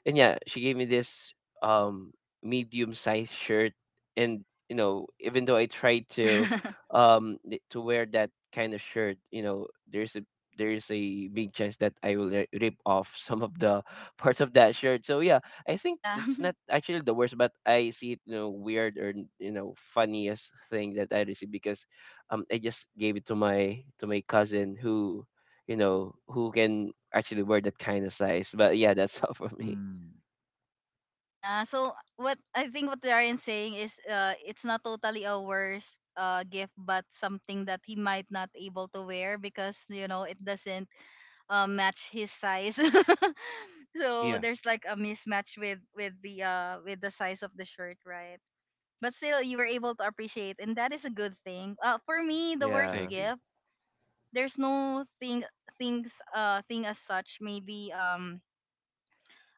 [SPEAKER 3] And yeah, she gave me this um medium sized shirt, and even though I tried to
[SPEAKER 1] *laughs*
[SPEAKER 3] to wear that kind of shirt, there's a, there's a big chance that rip off some of the *laughs* parts of that shirt. So yeah, I think
[SPEAKER 1] Yeah. *laughs*
[SPEAKER 3] it's not actually the worst, but I see it, weird or, funniest thing that I received, because I just gave it to my, to my cousin who who can actually wear that kind of size. But yeah, that's *laughs* all for me.
[SPEAKER 2] Mm.
[SPEAKER 1] Yeah. So what I think what Ryan's saying is it's not totally a worst gift, but something that he might not able to wear because you know it doesn't match his size. *laughs* So
[SPEAKER 2] Yeah,
[SPEAKER 1] there's like a mismatch with with the size of the shirt, right? But still you were able to appreciate, and that is a good thing. Uh, for me, the
[SPEAKER 2] I
[SPEAKER 1] worst
[SPEAKER 3] Yeah.
[SPEAKER 2] agree.
[SPEAKER 1] gift, there's no thing, thing as such. Maybe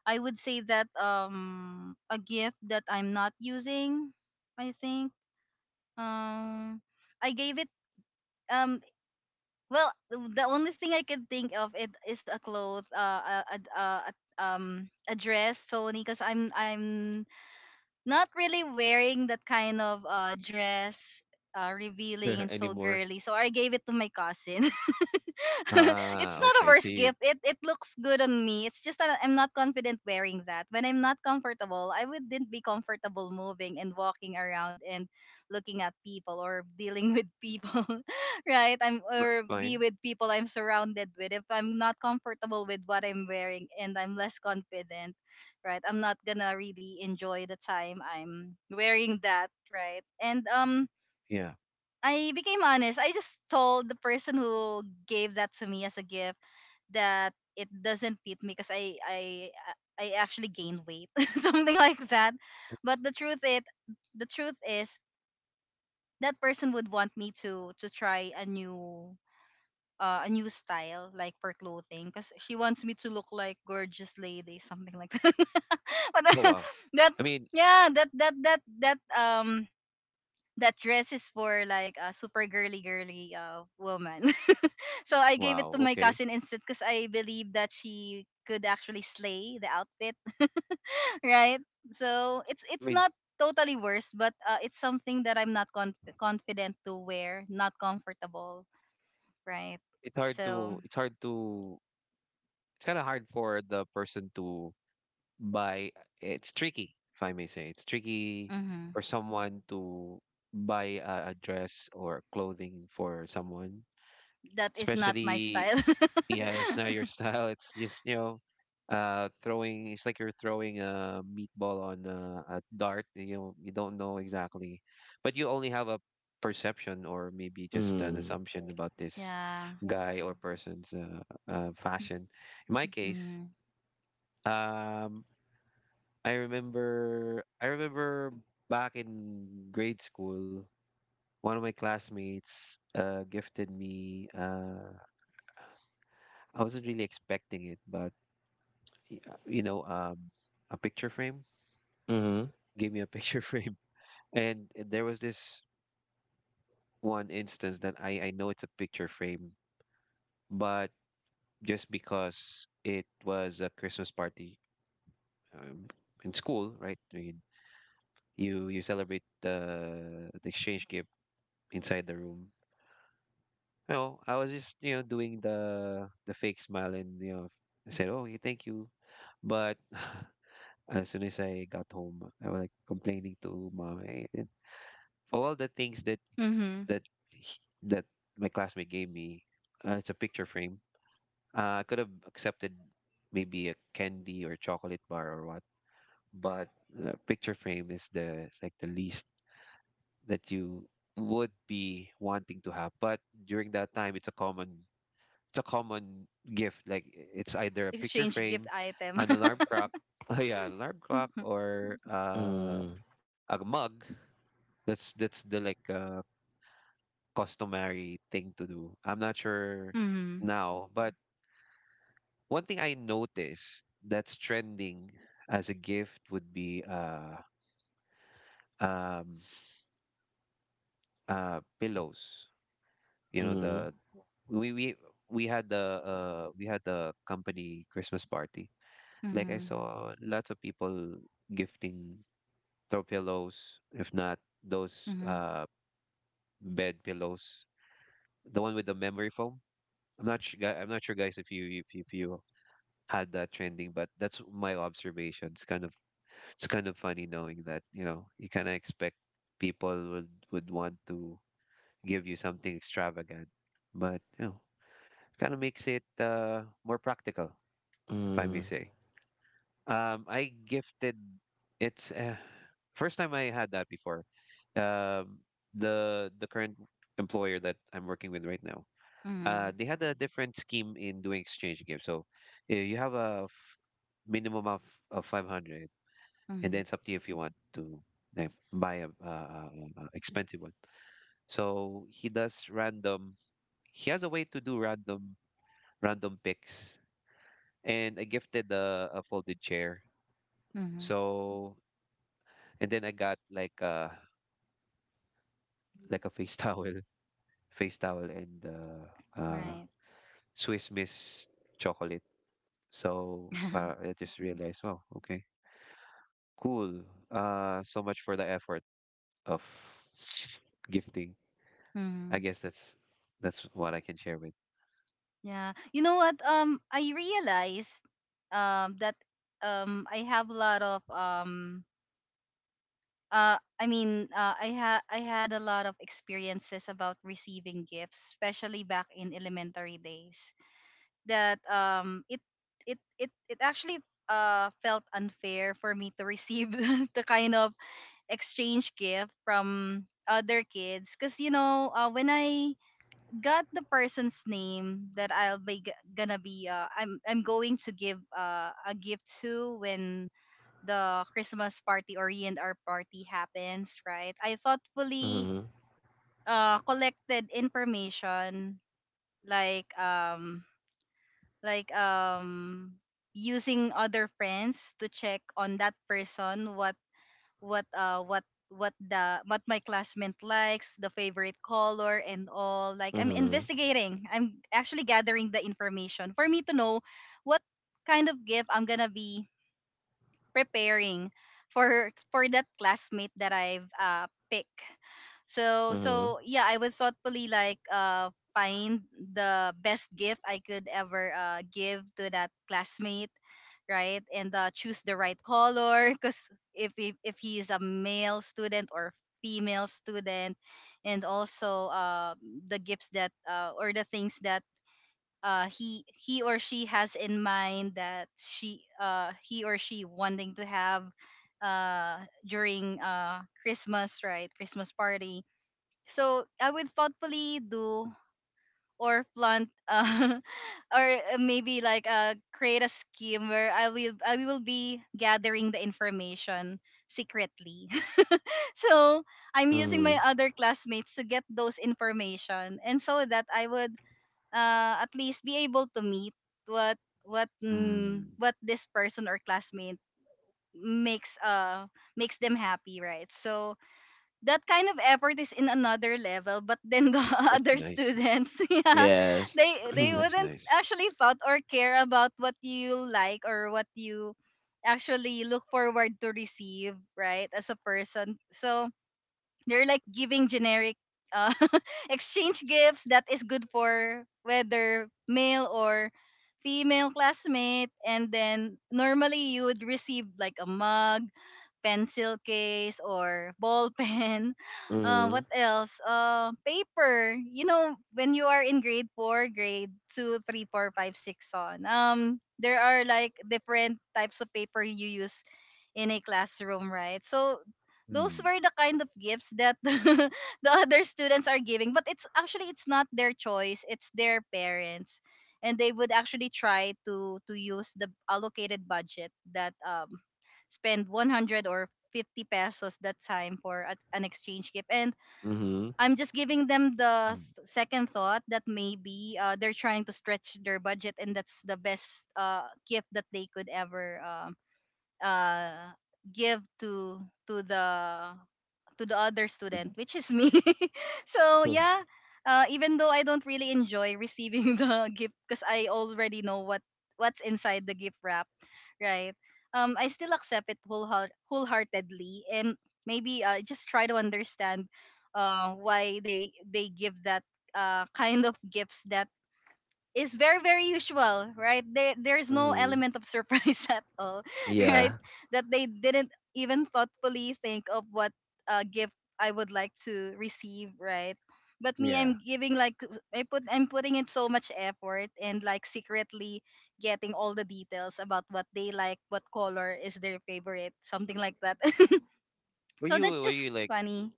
[SPEAKER 1] I would say that a gift that I'm not using, I think um I gave it um well, the only thing I can think of it is a cloth a dress Sony, because I'm not really wearing that kind of dress, revealing and
[SPEAKER 2] *laughs*
[SPEAKER 1] so
[SPEAKER 2] Anymore?
[SPEAKER 1] girly, so I gave it to my cousin. *laughs* It's
[SPEAKER 2] Ah,
[SPEAKER 1] not a
[SPEAKER 2] okay.
[SPEAKER 1] worse
[SPEAKER 2] See,
[SPEAKER 1] gift. It looks good on me. It's just that I'm not confident wearing that. When I'm not comfortable, I wouldn't be comfortable moving and walking around and looking at people or dealing with people, *laughs* right? I'm or
[SPEAKER 2] that's
[SPEAKER 1] be
[SPEAKER 2] fine.
[SPEAKER 1] with people I'm surrounded with. If I'm not comfortable with what I'm wearing and I'm less confident, right? I'm not gonna really enjoy the time I'm wearing that, right? And
[SPEAKER 2] Yeah.
[SPEAKER 1] I became honest. I just told the person who gave that to me as a gift that it doesn't fit me because I actually gained weight, *laughs* something like that. But the truth is that person would want me to try a new style like for clothing because she wants me to look like gorgeous lady, something like that. *laughs* But
[SPEAKER 2] Oh, wow.
[SPEAKER 1] *laughs* that
[SPEAKER 2] I mean,
[SPEAKER 1] yeah that that that that that dress is for like a super girly girly woman. *laughs* So I gave it
[SPEAKER 2] wow.
[SPEAKER 1] to my
[SPEAKER 2] Okay.
[SPEAKER 1] cousin instead because I believe that she could actually slay the outfit, *laughs* right? So it's
[SPEAKER 2] I
[SPEAKER 1] it's
[SPEAKER 2] mean,
[SPEAKER 1] not totally worse, but it's something that I'm not confident to wear, not comfortable, right?
[SPEAKER 2] it's hard
[SPEAKER 1] So
[SPEAKER 2] to, it's hard to, it's kind of hard for the person to buy. It's tricky, if I may say. It's tricky
[SPEAKER 1] mhm,
[SPEAKER 2] for someone to buy a dress or clothing for someone,
[SPEAKER 1] that is not my
[SPEAKER 2] especially.
[SPEAKER 1] style. *laughs*
[SPEAKER 2] Yeah, it's not your *laughs* style. It's just, you know, throwing. It's like you're throwing a meatball on a dart. You know, you don't know exactly, but you only have a perception, or maybe just an
[SPEAKER 3] Mm.
[SPEAKER 2] assumption about this
[SPEAKER 1] Yeah.
[SPEAKER 2] guy or person's fashion. In my case,
[SPEAKER 1] Mm.
[SPEAKER 2] um, I remember back in grade school, one of my classmates gifted me. I wasn't really expecting it, but you know, a picture frame.
[SPEAKER 3] Mhm.
[SPEAKER 2] Give me a picture *laughs* frame. And there was this one instance that I know it's a picture frame, but just because it was a Christmas party, um, in school, right? I mean, you celebrate the exchange gift inside the room. No, I was just you know doing the fake smile and you know I said, "Oh, yeah, thank you," but *laughs* as soon as I got home, I was like complaining to mom. "Hey, for all the things that
[SPEAKER 1] Mm-hmm.
[SPEAKER 2] that he- that my classmate gave me, it's a picture frame. I could have accepted maybe a candy or chocolate bar or what, but a picture frame is the it's like the least that you would be wanting to have." But during that time, it's a common gift. Like it's either a picture
[SPEAKER 1] Exchange gift
[SPEAKER 2] frame,
[SPEAKER 1] item.
[SPEAKER 2] an alarm clock,
[SPEAKER 1] *laughs*
[SPEAKER 2] *laughs* oh yeah, alarm clock,
[SPEAKER 1] Mm-hmm.
[SPEAKER 2] or
[SPEAKER 3] Mm.
[SPEAKER 2] a mug. That's the like, customary thing to do. I'm not sure now, but one thing I noticed that's trending as a gift would be um pillows. You know
[SPEAKER 3] Mhm.
[SPEAKER 2] the we we we had the company Christmas party. Like I
[SPEAKER 1] Mm-hmm.
[SPEAKER 2] saw lots of people gifting throw pillows, if not those
[SPEAKER 1] Mm-hmm.
[SPEAKER 2] bed pillows, the one with the memory foam. I'm not sure, I'm not sure, guys, if if you had that trending, but that's my observation. It's kind of funny knowing that, you know, you kind of expect people would want to give you something extravagant, but you know, kind of makes it, more practical, if I may
[SPEAKER 3] Mm.
[SPEAKER 2] say. I gifted. It's, first time I had that before. Um, the current employer that I'm working with right now,
[SPEAKER 1] Mhm.
[SPEAKER 2] they had a different scheme in doing exchange games. So you have minimum of 500, and then
[SPEAKER 1] Mhm.
[SPEAKER 2] it's up to you if you want to like, buy a expensive one. So he does random. He has a way to do random picks, and I gifted a folded chair.
[SPEAKER 1] Mhm.
[SPEAKER 2] So and then I got like a face *laughs* towel, face towel, and
[SPEAKER 1] Right.
[SPEAKER 2] Swiss Miss chocolate. So para
[SPEAKER 1] *laughs*
[SPEAKER 2] I just realized, wow, okay. Cool. So much for the effort of gifting. I
[SPEAKER 1] Mhm.
[SPEAKER 2] guess that's what I can share with.
[SPEAKER 1] Yeah. You know what? I realized that I have a lot of I had a lot of experiences about receiving gifts, especially back in elementary days. That it it it It actually felt unfair for me to receive *laughs* the kind of exchange gift from other kids, because you know, when I got the person's name that I'll be g- gonna be I'm going to give a gift to, when the Christmas party or E&R party happens, right? I
[SPEAKER 3] Mhm.
[SPEAKER 1] thoughtfully collected information, like like um using other friends to check on that person, what uh what what my classmate likes, the favorite color and all. Like I'm
[SPEAKER 3] Mhm.
[SPEAKER 1] investigating. I'm actually gathering the information for me to know what kind of gift I'm gonna be preparing for that classmate that I've picked. So
[SPEAKER 3] Mhm.
[SPEAKER 1] so yeah, I would thoughtfully like find the best gift I could ever give to that classmate, right? And choose the right color because if he is a male student or female student, and also the gifts that or the things that he or she has in mind, that she he or she wanting to have uh during Christmas, right, Christmas party. So I would thoughtfully do or plant *laughs* or maybe like create a scheme where I will be gathering the information secretly. *laughs* So I'm using my
[SPEAKER 3] Mhm.
[SPEAKER 1] other classmates to get those information, and so that I would at least be able to meet what
[SPEAKER 2] Hmm.
[SPEAKER 1] what this person or classmate makes makes them happy, right? So that kind of effort is in another level, but then the *laughs*
[SPEAKER 2] That's
[SPEAKER 1] other
[SPEAKER 2] nice.
[SPEAKER 1] students *laughs* yeah,
[SPEAKER 3] Yes.
[SPEAKER 1] they
[SPEAKER 3] *clears throat*
[SPEAKER 2] That's
[SPEAKER 1] wouldn't
[SPEAKER 2] nice.
[SPEAKER 1] actually thought or care about what you like or what you actually look forward to receive, right, as a person. So they're like giving generic uh, *laughs* exchange gifts that is good for whether male or female classmate. And then normally you would receive like a mug, pencil case, or ball *laughs* pen. Uh,
[SPEAKER 3] Mhm.
[SPEAKER 1] what else? Paper. You know, when you are in grade four, grade two, three, four, five, six so on. There are like different types of paper you use in a classroom, right? So those
[SPEAKER 2] Hmm.
[SPEAKER 1] were the kind of gifts that *laughs* the other students are giving, but it's not their choice, it's their parents. And they would actually try to use the allocated budget that spend 100 or 50 pesos that time for an exchange gift. And
[SPEAKER 3] Mhm.
[SPEAKER 1] I'm just giving them the
[SPEAKER 2] Mm.
[SPEAKER 1] second thought that maybe they're trying to stretch their budget and that's the best gift that they could ever uh give to the to the other student
[SPEAKER 2] Mm.
[SPEAKER 1] which is me *laughs* so
[SPEAKER 2] Mm.
[SPEAKER 1] yeah,
[SPEAKER 2] *laughs*
[SPEAKER 1] even though I don't really enjoy receiving *laughs* the gift because I already know what's inside the gift wrap, right? I still accept it wholeheartedly and maybe just try to understand why they give that *laughs* kind of gifts that is very very usual, right? There's no
[SPEAKER 3] Mhm.
[SPEAKER 1] element of surprise *laughs* at all, right?
[SPEAKER 3] Yeah.
[SPEAKER 1] That they didn't even thoughtfully think of what gift I would like to receive, right? But me, I'm
[SPEAKER 2] Yeah.
[SPEAKER 1] giving like I'm putting in so much effort and like secretly getting all the details about what they like, what color is their favorite, something like that. *laughs*
[SPEAKER 2] Were
[SPEAKER 1] So
[SPEAKER 2] you
[SPEAKER 1] that's
[SPEAKER 2] were you
[SPEAKER 1] just
[SPEAKER 2] like
[SPEAKER 1] funny.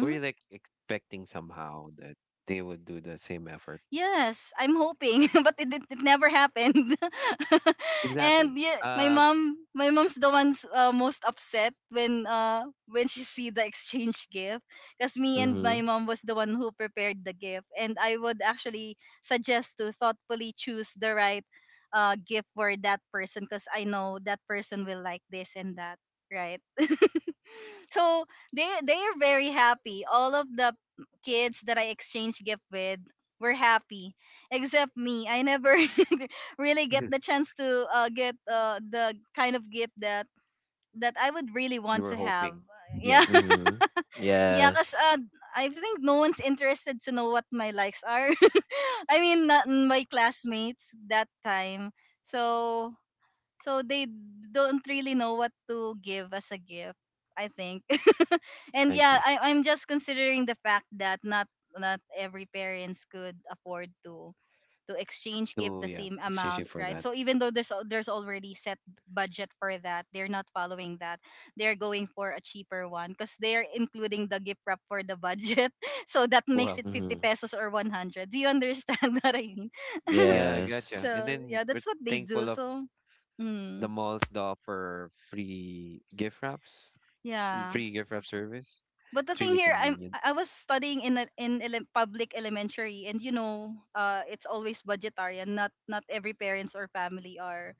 [SPEAKER 2] were you like expecting somehow that they would do the same effort?
[SPEAKER 1] Yes, I'm hoping, *laughs* but it never happened. *laughs* And
[SPEAKER 2] Exactly.
[SPEAKER 1] yeah, my mom, my mom's the one's most upset when she see the exchange gift, because me and
[SPEAKER 3] Mhm.
[SPEAKER 1] my mom was the one who prepared the gift, and I would actually suggest to thoughtfully choose the right gift for that person, because I know that person will like this and that, right? So they are very happy. All of the kids that I exchanged gift with were happy, except me. I never *laughs* really get
[SPEAKER 2] Mhm.
[SPEAKER 1] the chance to get the kind of gift that that I would really
[SPEAKER 2] You
[SPEAKER 1] want
[SPEAKER 2] were
[SPEAKER 1] to have.
[SPEAKER 2] hoping.
[SPEAKER 1] Yeah,
[SPEAKER 2] Yeah,
[SPEAKER 1] *laughs*
[SPEAKER 3] Mhm.
[SPEAKER 1] yeah, cause
[SPEAKER 3] Yes.
[SPEAKER 1] I think no one's interested to know what my likes are. *laughs* I mean, not my classmates that time. So so they don't really know what to give as a gift, I think. *laughs* And
[SPEAKER 2] I
[SPEAKER 1] yeah,
[SPEAKER 2] see.
[SPEAKER 1] I'm just considering the fact that not every parents could afford to exchange give
[SPEAKER 2] So
[SPEAKER 1] the
[SPEAKER 2] yeah,
[SPEAKER 1] same
[SPEAKER 2] exchange
[SPEAKER 1] amount,
[SPEAKER 2] it for
[SPEAKER 1] right?
[SPEAKER 2] that.
[SPEAKER 1] So even though there's already set budget for that, they're not following that, they're going for a cheaper one because they're including the gift wrap for the budget. *laughs* So that makes
[SPEAKER 2] Wow.
[SPEAKER 1] it 50
[SPEAKER 3] Mhm.
[SPEAKER 1] pesos or 100. Do you understand *laughs* what I mean? *laughs*
[SPEAKER 2] Yeah, I
[SPEAKER 3] Yes.
[SPEAKER 2] gotcha. And
[SPEAKER 1] So
[SPEAKER 2] then
[SPEAKER 1] yeah,
[SPEAKER 2] we're
[SPEAKER 1] that's what they do,
[SPEAKER 2] thankful of
[SPEAKER 1] so mm,
[SPEAKER 2] the malls that offer free gift wraps,
[SPEAKER 1] yeah.
[SPEAKER 2] free gift wrap service.
[SPEAKER 1] But the
[SPEAKER 2] It's
[SPEAKER 1] thing
[SPEAKER 2] really
[SPEAKER 1] here,
[SPEAKER 2] convenient.
[SPEAKER 1] I was studying in public elementary and you know it's always budgetary and not every parents or family are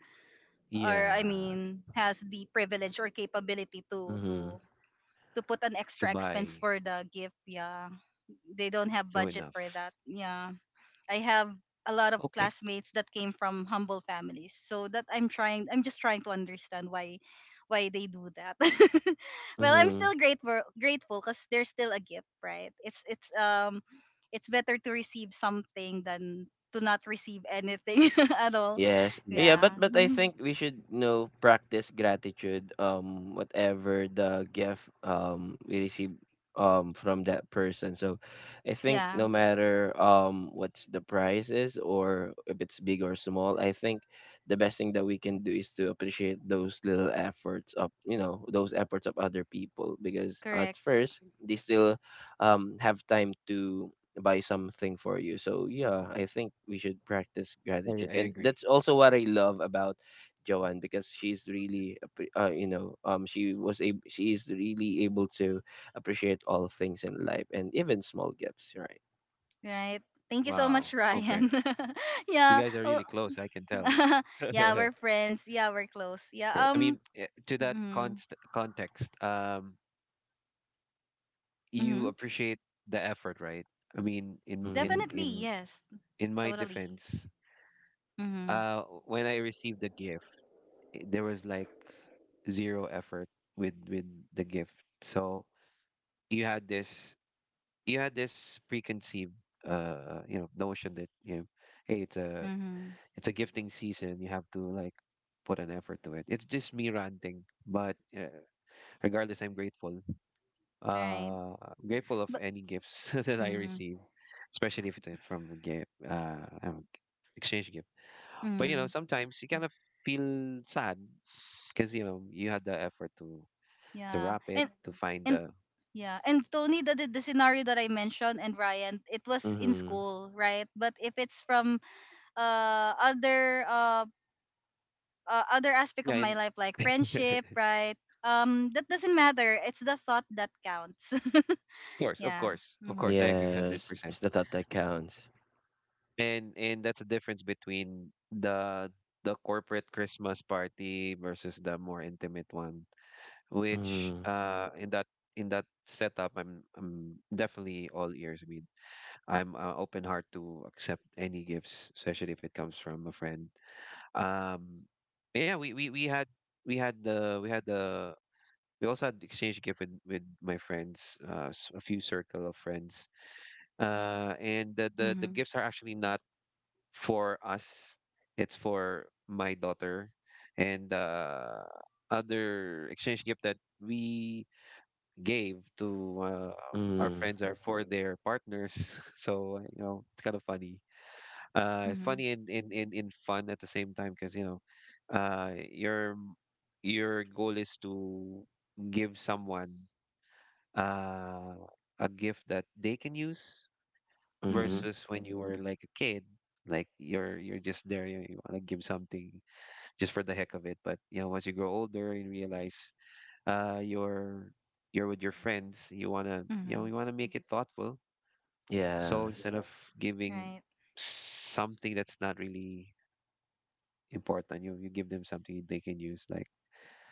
[SPEAKER 1] or I
[SPEAKER 2] Yeah,
[SPEAKER 1] mean has the privilege or capability to
[SPEAKER 3] Mhm.
[SPEAKER 1] to to put an extra expense
[SPEAKER 2] Dubai,
[SPEAKER 1] for the gift. Yeah. They don't have
[SPEAKER 2] true
[SPEAKER 1] budget for
[SPEAKER 2] enough.
[SPEAKER 1] that. Yeah. I have a lot of
[SPEAKER 2] Okay,
[SPEAKER 1] classmates that came from humble families. So that I'm just trying to understand why they do that. *laughs* Well, I'm still
[SPEAKER 3] Mhm.
[SPEAKER 1] grateful cuz there's still a gift, right? It's it's better to receive something than to not receive anything *laughs* at all.
[SPEAKER 3] Yes. Yeah,
[SPEAKER 2] yeah,
[SPEAKER 3] but
[SPEAKER 1] Yeah.
[SPEAKER 3] I
[SPEAKER 1] *laughs*
[SPEAKER 3] think we should, practice gratitude whatever the gift we receive from that person. So I think no
[SPEAKER 1] Yeah.
[SPEAKER 3] matter what's the price is, or if it's big or small, I think the best thing that we can do is to appreciate those little efforts of, those efforts of other people, because at
[SPEAKER 1] Correct.
[SPEAKER 3] first they still have time to buy something for you. So yeah, I think we should practice gratitude,
[SPEAKER 2] I
[SPEAKER 3] and
[SPEAKER 2] agree.
[SPEAKER 3] that's also what I love about Joanne, because she's really, appre- she was a she is really able to appreciate all things in life and even small gifts, right?
[SPEAKER 1] Right. Thank you so much,
[SPEAKER 2] Wow, okay.
[SPEAKER 1] Ryan. *laughs*
[SPEAKER 2] You
[SPEAKER 1] Yeah.
[SPEAKER 2] guys are
[SPEAKER 1] Oh,
[SPEAKER 2] really close, I can tell.
[SPEAKER 1] *laughs*
[SPEAKER 2] *laughs*
[SPEAKER 1] yeah,
[SPEAKER 2] I
[SPEAKER 1] we're friends. Yeah, we're close. Yeah.
[SPEAKER 3] *laughs*
[SPEAKER 2] to that
[SPEAKER 1] Mm-hmm.
[SPEAKER 2] const context, you
[SPEAKER 1] Mm-hmm.
[SPEAKER 2] appreciate the effort, right? I mean, in
[SPEAKER 3] mm,
[SPEAKER 2] in
[SPEAKER 1] Definitely.
[SPEAKER 2] in
[SPEAKER 1] Yes.
[SPEAKER 2] in my
[SPEAKER 1] Totally.
[SPEAKER 2] defense,
[SPEAKER 1] Mm-hmm.
[SPEAKER 2] when I received the gift, there was like zero effort with the gift. So you had this, you had this preconceived, notion that, you know, hey,
[SPEAKER 1] Mm-hmm.
[SPEAKER 2] it's a gifting season. You have to like put an effort to it. It's just me ranting, but regardless I'm grateful.
[SPEAKER 1] Right.
[SPEAKER 2] I'm grateful of
[SPEAKER 1] But.
[SPEAKER 2] any gifts *laughs* that I
[SPEAKER 1] Mm-hmm.
[SPEAKER 2] receive, especially if it's from a gift I exchange gift. But you know,
[SPEAKER 1] Mm-hmm.
[SPEAKER 2] sometimes you kind of feel sad because you know you had the effort to,
[SPEAKER 1] Yeah.
[SPEAKER 2] wrap it, to find
[SPEAKER 1] And
[SPEAKER 2] the.
[SPEAKER 1] yeah. And Tony, the scenario that I mentioned and Ryan, it was in
[SPEAKER 3] mm-hmm.
[SPEAKER 1] school, right? But if it's from uh other uh other aspect of
[SPEAKER 2] Yeah,
[SPEAKER 1] my
[SPEAKER 2] and
[SPEAKER 1] life like friendship,
[SPEAKER 2] *laughs*
[SPEAKER 1] right? That doesn't matter. It's the thought that counts. *laughs*
[SPEAKER 2] of course, of
[SPEAKER 1] Yeah.
[SPEAKER 2] course, of
[SPEAKER 1] Mhm.
[SPEAKER 2] course, I agree
[SPEAKER 3] Yes,
[SPEAKER 2] 100%.
[SPEAKER 3] it's the thought that counts.
[SPEAKER 2] And that's the difference between the corporate Christmas party versus the more intimate one, which
[SPEAKER 3] Mm,
[SPEAKER 2] in that, in that setup, I'm definitely all ears. I mean, I'm open heart to accept any gifts, especially if it comes from a friend. Um, yeah, we had, we had the we had the we also had exchange gift with my friends, a few circle of friends, and the the
[SPEAKER 1] Mhm.
[SPEAKER 2] gifts are actually not for us. It's for my daughter, and other exchange gift that we gave to, our
[SPEAKER 3] mm,
[SPEAKER 2] friends are for their partners. *laughs* So you know, it's kind of funny.
[SPEAKER 1] Mhm.
[SPEAKER 2] Funny and in fun at the same time, because you know, uh, your your goal is to give someone uh a gift that they can use
[SPEAKER 3] mm-hmm.
[SPEAKER 1] Mhm.
[SPEAKER 2] versus when you were like a kid. Like you're, just there. You want to give something just for the heck of it, but you know, once you grow older and realize uh you're you're with your friends, you want to, you know,
[SPEAKER 1] Mhm.
[SPEAKER 2] you want to make it thoughtful. So instead, Yeah,
[SPEAKER 3] Yes.
[SPEAKER 2] of giving
[SPEAKER 1] Right.
[SPEAKER 2] something that's not really important, you give them something they can use, like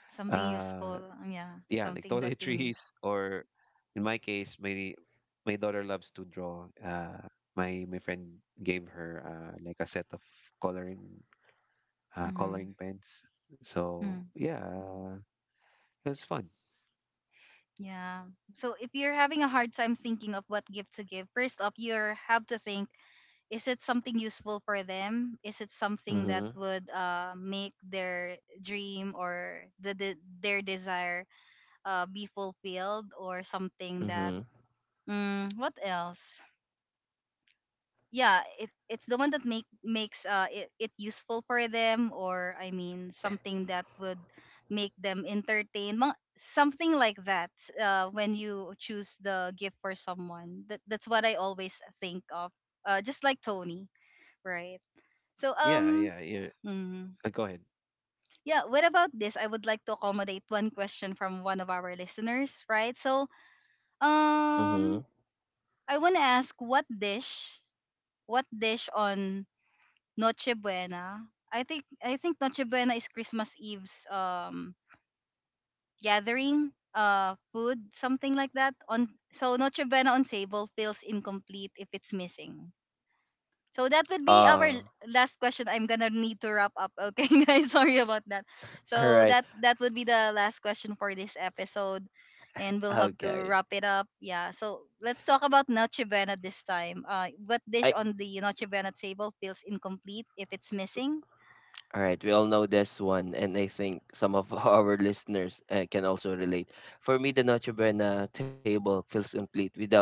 [SPEAKER 1] Something
[SPEAKER 2] uh
[SPEAKER 1] useful. Um, yeah.
[SPEAKER 2] yeah, like
[SPEAKER 1] Something that they need.
[SPEAKER 2] toiletries *laughs* or in my case, my daughter loves to draw. My, my friend gave her like a set of coloring,
[SPEAKER 1] Mhm.
[SPEAKER 2] coloring pens. So
[SPEAKER 1] Mm.
[SPEAKER 2] yeah, it was fun.
[SPEAKER 1] Yeah. So if you're having a hard time thinking of what gift to give, first up, you have to think: is it something useful for them? Is it something that
[SPEAKER 3] Mm-hmm.
[SPEAKER 1] would make their dream or the their desire be fulfilled or something that
[SPEAKER 3] Mm-hmm.
[SPEAKER 1] mm, what else, yeah it's the one that makes it useful for them or I mean something that would make them entertained Mga- something like that when you choose the gift for someone, that, that's what I always think of, just like Tony, right? So
[SPEAKER 2] Yeah,
[SPEAKER 1] um.
[SPEAKER 2] yeah, yeah.
[SPEAKER 1] Mm.
[SPEAKER 2] Go ahead.
[SPEAKER 1] Yeah, what about this? I would like to accommodate one question from one of our listeners, right? So, um
[SPEAKER 3] Mm-hmm.
[SPEAKER 1] I want to ask what dish on Noche Buena? I think Noche Buena is Christmas Eve's gathering, food, something like that. On so Noche Buena on table feels incomplete if it's missing. So that would
[SPEAKER 3] Uh,
[SPEAKER 1] be our
[SPEAKER 3] all
[SPEAKER 1] last question. I'm gonna need to wrap up. Okay, *laughs* guys, sorry about that. So
[SPEAKER 3] right.
[SPEAKER 1] that would be the last question for this episode, and we'll have to
[SPEAKER 3] Okay.
[SPEAKER 1] wrap it up. Yeah. So let's talk about Noche Buena this time. What dish on the Noche Buena table feels incomplete if it's missing?
[SPEAKER 3] All right, we all know this one, and I think some of *laughs* our listeners can also relate. For me, the Noche Buena table feels complete without,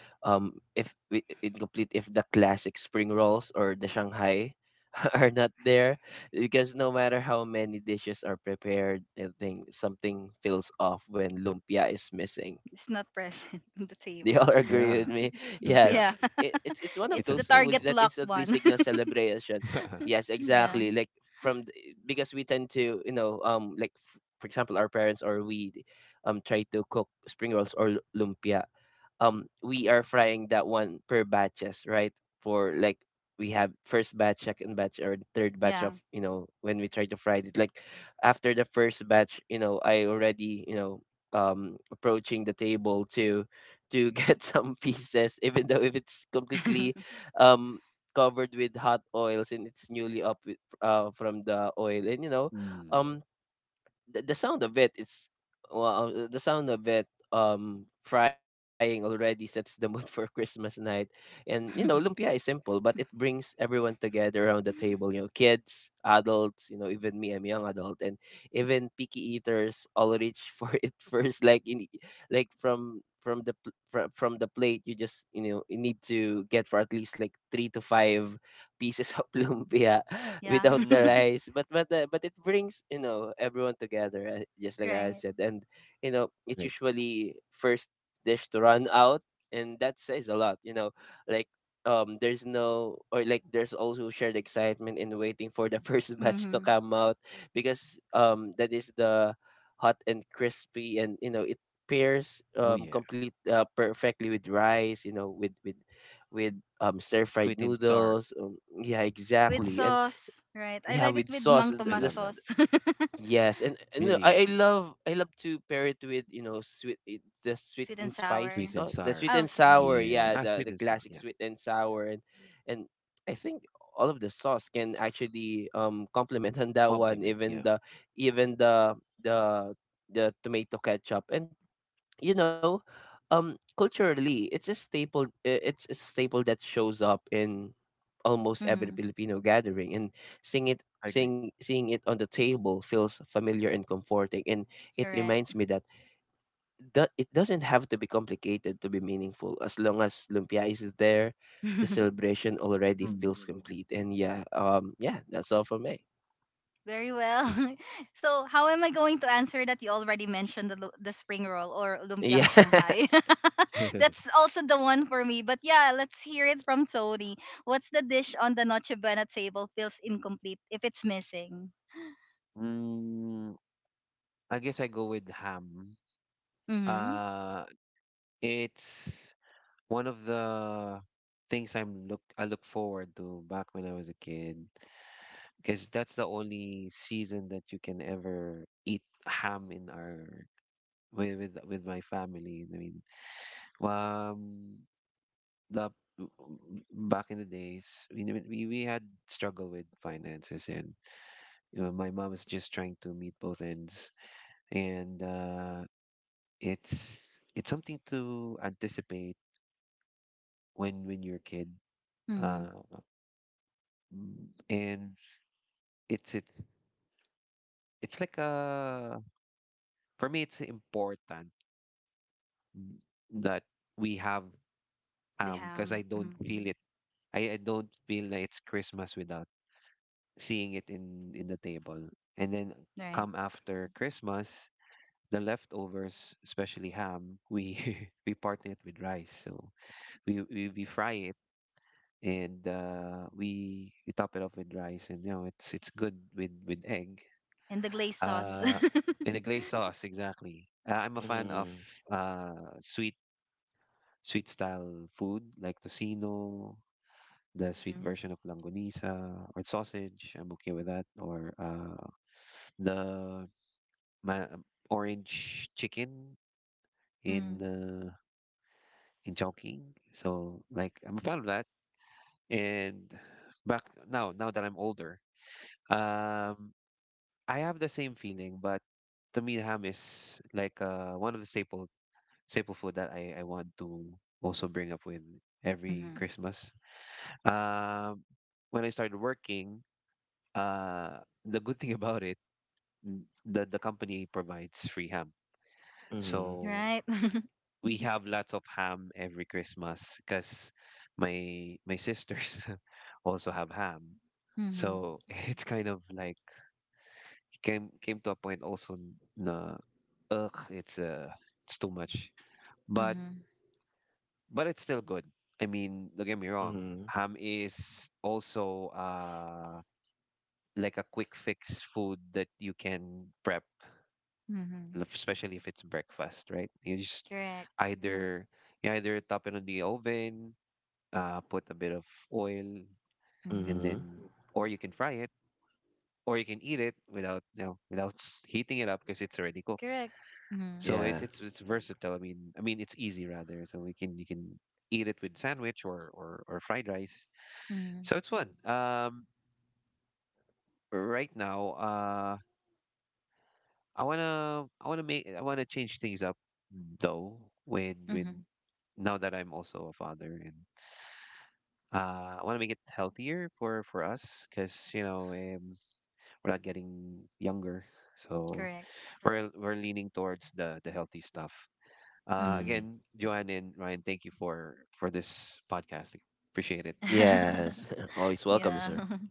[SPEAKER 3] if wi- incomplete if the classic spring rolls or the Shanghai *laughs* are not there, because no matter how many dishes are prepared, I think something feels off when lumpia is missing.
[SPEAKER 1] It's not
[SPEAKER 3] *laughs* They all
[SPEAKER 1] present *laughs* on
[SPEAKER 3] agree
[SPEAKER 1] the
[SPEAKER 3] with me.
[SPEAKER 1] table.
[SPEAKER 3] *laughs* Yes,
[SPEAKER 2] Yeah.
[SPEAKER 3] it's
[SPEAKER 2] Yeah.
[SPEAKER 3] one
[SPEAKER 1] Yeah,
[SPEAKER 3] of those foods that
[SPEAKER 1] *laughs*
[SPEAKER 2] It's
[SPEAKER 1] it's
[SPEAKER 2] it's
[SPEAKER 1] the
[SPEAKER 2] a
[SPEAKER 3] instantly
[SPEAKER 1] target
[SPEAKER 2] staple.
[SPEAKER 3] signals
[SPEAKER 1] locked one.
[SPEAKER 3] celebration.
[SPEAKER 1] *laughs*
[SPEAKER 3] Yes,
[SPEAKER 2] *laughs*
[SPEAKER 3] exactly. Like
[SPEAKER 1] Yeah.
[SPEAKER 3] from Because we tend to, like f- for example, our parents or we try to cook spring rolls or lu- lumpia. We are frying that one per batches, right? for like We have first batch, second batch, or third batch of,
[SPEAKER 1] Yeah.
[SPEAKER 3] when we try to fry it. Like after the first batch, I already, approaching the table to get *laughs* some pieces, even though if it's completely
[SPEAKER 1] *laughs*
[SPEAKER 3] um covered with hot oils and it's newly up from the oil. And, um,
[SPEAKER 2] Mm.
[SPEAKER 3] the, the sound of it, it's the sound of it, frying, already sets the mood *laughs* for Christmas night. And, lumpia is simple, but it brings everyone together around the table. Kids, adults, even me, I'm a young adult, and even picky eaters all reach for *laughs* it first. Like in like From from the plate, you just, you need to get for at least like three to five pieces of *laughs* lumpia
[SPEAKER 1] Yeah.
[SPEAKER 3] without the
[SPEAKER 1] *laughs*
[SPEAKER 2] Mm.
[SPEAKER 3] rice. But it brings, everyone together, just like I
[SPEAKER 1] Right.
[SPEAKER 3] said. And it's
[SPEAKER 2] Right.
[SPEAKER 3] usually first dish to run out, and that says a lot, like there's no, or like there's also shared excitement in waiting for the first *laughs* batch to
[SPEAKER 1] Mm-hmm.
[SPEAKER 3] come out, because that is the hot and crispy. And it pairs
[SPEAKER 2] Oh yeah,
[SPEAKER 3] complete perfectly with rice, with stir fried
[SPEAKER 2] sweet and sour.
[SPEAKER 3] noodles. Yeah,
[SPEAKER 1] With
[SPEAKER 3] exactly. And
[SPEAKER 1] sauce, right? I
[SPEAKER 3] yeah,
[SPEAKER 1] like it
[SPEAKER 3] with
[SPEAKER 1] with
[SPEAKER 3] sauce.
[SPEAKER 1] Mang
[SPEAKER 2] I
[SPEAKER 1] Tomas
[SPEAKER 2] love
[SPEAKER 3] This,
[SPEAKER 2] that.
[SPEAKER 1] sauce. *laughs*
[SPEAKER 3] yes. And
[SPEAKER 2] Really
[SPEAKER 3] I love to pair it with, the sweet
[SPEAKER 1] Sweet and
[SPEAKER 3] and spicy
[SPEAKER 1] sour.
[SPEAKER 2] sweet and
[SPEAKER 3] sauce, the sweet
[SPEAKER 2] sour.
[SPEAKER 1] Oh,
[SPEAKER 3] and
[SPEAKER 1] mm-hmm.
[SPEAKER 3] sour.
[SPEAKER 2] Yeah.
[SPEAKER 3] Yeah,
[SPEAKER 2] Ah, sweet
[SPEAKER 3] the
[SPEAKER 2] and sour.
[SPEAKER 3] classic
[SPEAKER 2] Yeah.
[SPEAKER 3] sweet and sour. And and I think all of the sauce can actually complement *laughs* on that one.
[SPEAKER 2] Compliment.
[SPEAKER 3] Even
[SPEAKER 2] Yeah.
[SPEAKER 3] the even the the the tomato ketchup. And you know culturally it's a staple, it's a staple that shows up in almost every
[SPEAKER 1] Mm-hmm,
[SPEAKER 3] Filipino gathering. And seeing it
[SPEAKER 2] I agree.
[SPEAKER 3] seeing it on the table feels familiar and comforting, and it
[SPEAKER 1] correct.
[SPEAKER 3] reminds me that it doesn't have to be complicated to be meaningful. As long as lumpia is there, the
[SPEAKER 1] *laughs*
[SPEAKER 3] celebration already feels
[SPEAKER 2] Mm.
[SPEAKER 3] complete. And yeah, yeah, that's all for me.
[SPEAKER 1] Very well. *laughs* So, how am I going to answer that? You already mentioned the the spring roll or lumpiang
[SPEAKER 3] Yeah. *laughs*
[SPEAKER 1] Shanghai. *laughs* That's
[SPEAKER 2] *laughs*
[SPEAKER 1] also the one for me. But yeah, let's hear it from Tony. What's the dish on the Noche Buena table feels incomplete if it's missing?
[SPEAKER 2] Mm, I guess I go with ham.
[SPEAKER 1] Mm-hmm.
[SPEAKER 2] Uh, it's one of the things I look forward to back when I was a kid, because that's the only season that you can ever eat ham in our, with my family. I mean, um, the back in the days, we had struggle with finances, and you know, my mom is just trying to meet both ends, and it's it's something to anticipate when you're a kid, uh,
[SPEAKER 1] Mm-hmm.
[SPEAKER 2] and it's, it's like a, for me it's important, mm, that we have,
[SPEAKER 1] The
[SPEAKER 2] because I
[SPEAKER 1] ham.
[SPEAKER 2] don't
[SPEAKER 1] Hmm.
[SPEAKER 2] feel it. I don't feel like it's Christmas without seeing it in the table, and then
[SPEAKER 1] Right.
[SPEAKER 2] come after Christmas, the leftovers, especially ham, we *laughs* we partner it with rice. So we fry it, and we top it off with rice, and you know, it's good with egg.
[SPEAKER 1] And the glaze sauce.
[SPEAKER 2] Uh, Mm, in
[SPEAKER 1] *laughs*
[SPEAKER 2] a glazed sauce, exactly. I'm a fan of
[SPEAKER 3] Mm-hmm.
[SPEAKER 2] sweet, style food like tocino, the sweet
[SPEAKER 1] Mm-hmm.
[SPEAKER 2] version of langonisa or sausage. I'm okay with that, or the my orange chicken in
[SPEAKER 1] Mm-hmm.
[SPEAKER 2] uh, in Chongqing. So like I'm a fan of that, and back now that I'm older. Um, I have the same feeling, but to me, ham is like one of the staple, staple food that I want to also bring up with every
[SPEAKER 1] Mm-hmm.
[SPEAKER 2] Christmas. Um, when I started working, uh, the good thing *laughs* about it, the company provides free ham,
[SPEAKER 3] Mm-hmm.
[SPEAKER 2] so
[SPEAKER 1] Right? *laughs*
[SPEAKER 2] we have lots of ham every Christmas, because my sisters *laughs* also have ham. So
[SPEAKER 1] Mm-hmm.
[SPEAKER 2] *laughs* it's kind of like came, came to a point also na, ugh, it's it's too much. But
[SPEAKER 1] Mm-hmm.
[SPEAKER 2] but it's still good. I mean, don't get me wrong. Ham is also like a quick fix food that you can prep,
[SPEAKER 1] Mm-hmm.
[SPEAKER 2] especially if it's breakfast, right? You just
[SPEAKER 1] Correct.
[SPEAKER 2] either, you either top it on the oven, put a bit of oil, and
[SPEAKER 1] Mm-hmm.
[SPEAKER 3] Mm-hmm.
[SPEAKER 2] then, or you can fry it, or you can eat it without, you know, without *laughs* heating it up, because it's already cooked.
[SPEAKER 1] Correct. Mm-hmm.
[SPEAKER 2] So
[SPEAKER 3] Yeah.
[SPEAKER 2] it, it's versatile. I mean it's easy rather. So we can you can eat it with sandwich, or or fried rice.
[SPEAKER 1] Mm-hmm.
[SPEAKER 2] So it's fun. Right now, I wanna make, I wanna change things up, though. When
[SPEAKER 1] Mm-hmm.
[SPEAKER 2] now that I'm also a father, and I wanna make it healthier for us, because you know, we're not getting younger, so
[SPEAKER 1] Correct.
[SPEAKER 2] we're leaning towards the healthy stuff.
[SPEAKER 1] Mm-hmm.
[SPEAKER 3] Mm.
[SPEAKER 2] Again, Joanne and Ryan, thank you for this podcast. Appreciate it.
[SPEAKER 3] Yes, *laughs*
[SPEAKER 1] *laughs*
[SPEAKER 3] always welcome,
[SPEAKER 1] Yeah.
[SPEAKER 3] sir.
[SPEAKER 1] *laughs*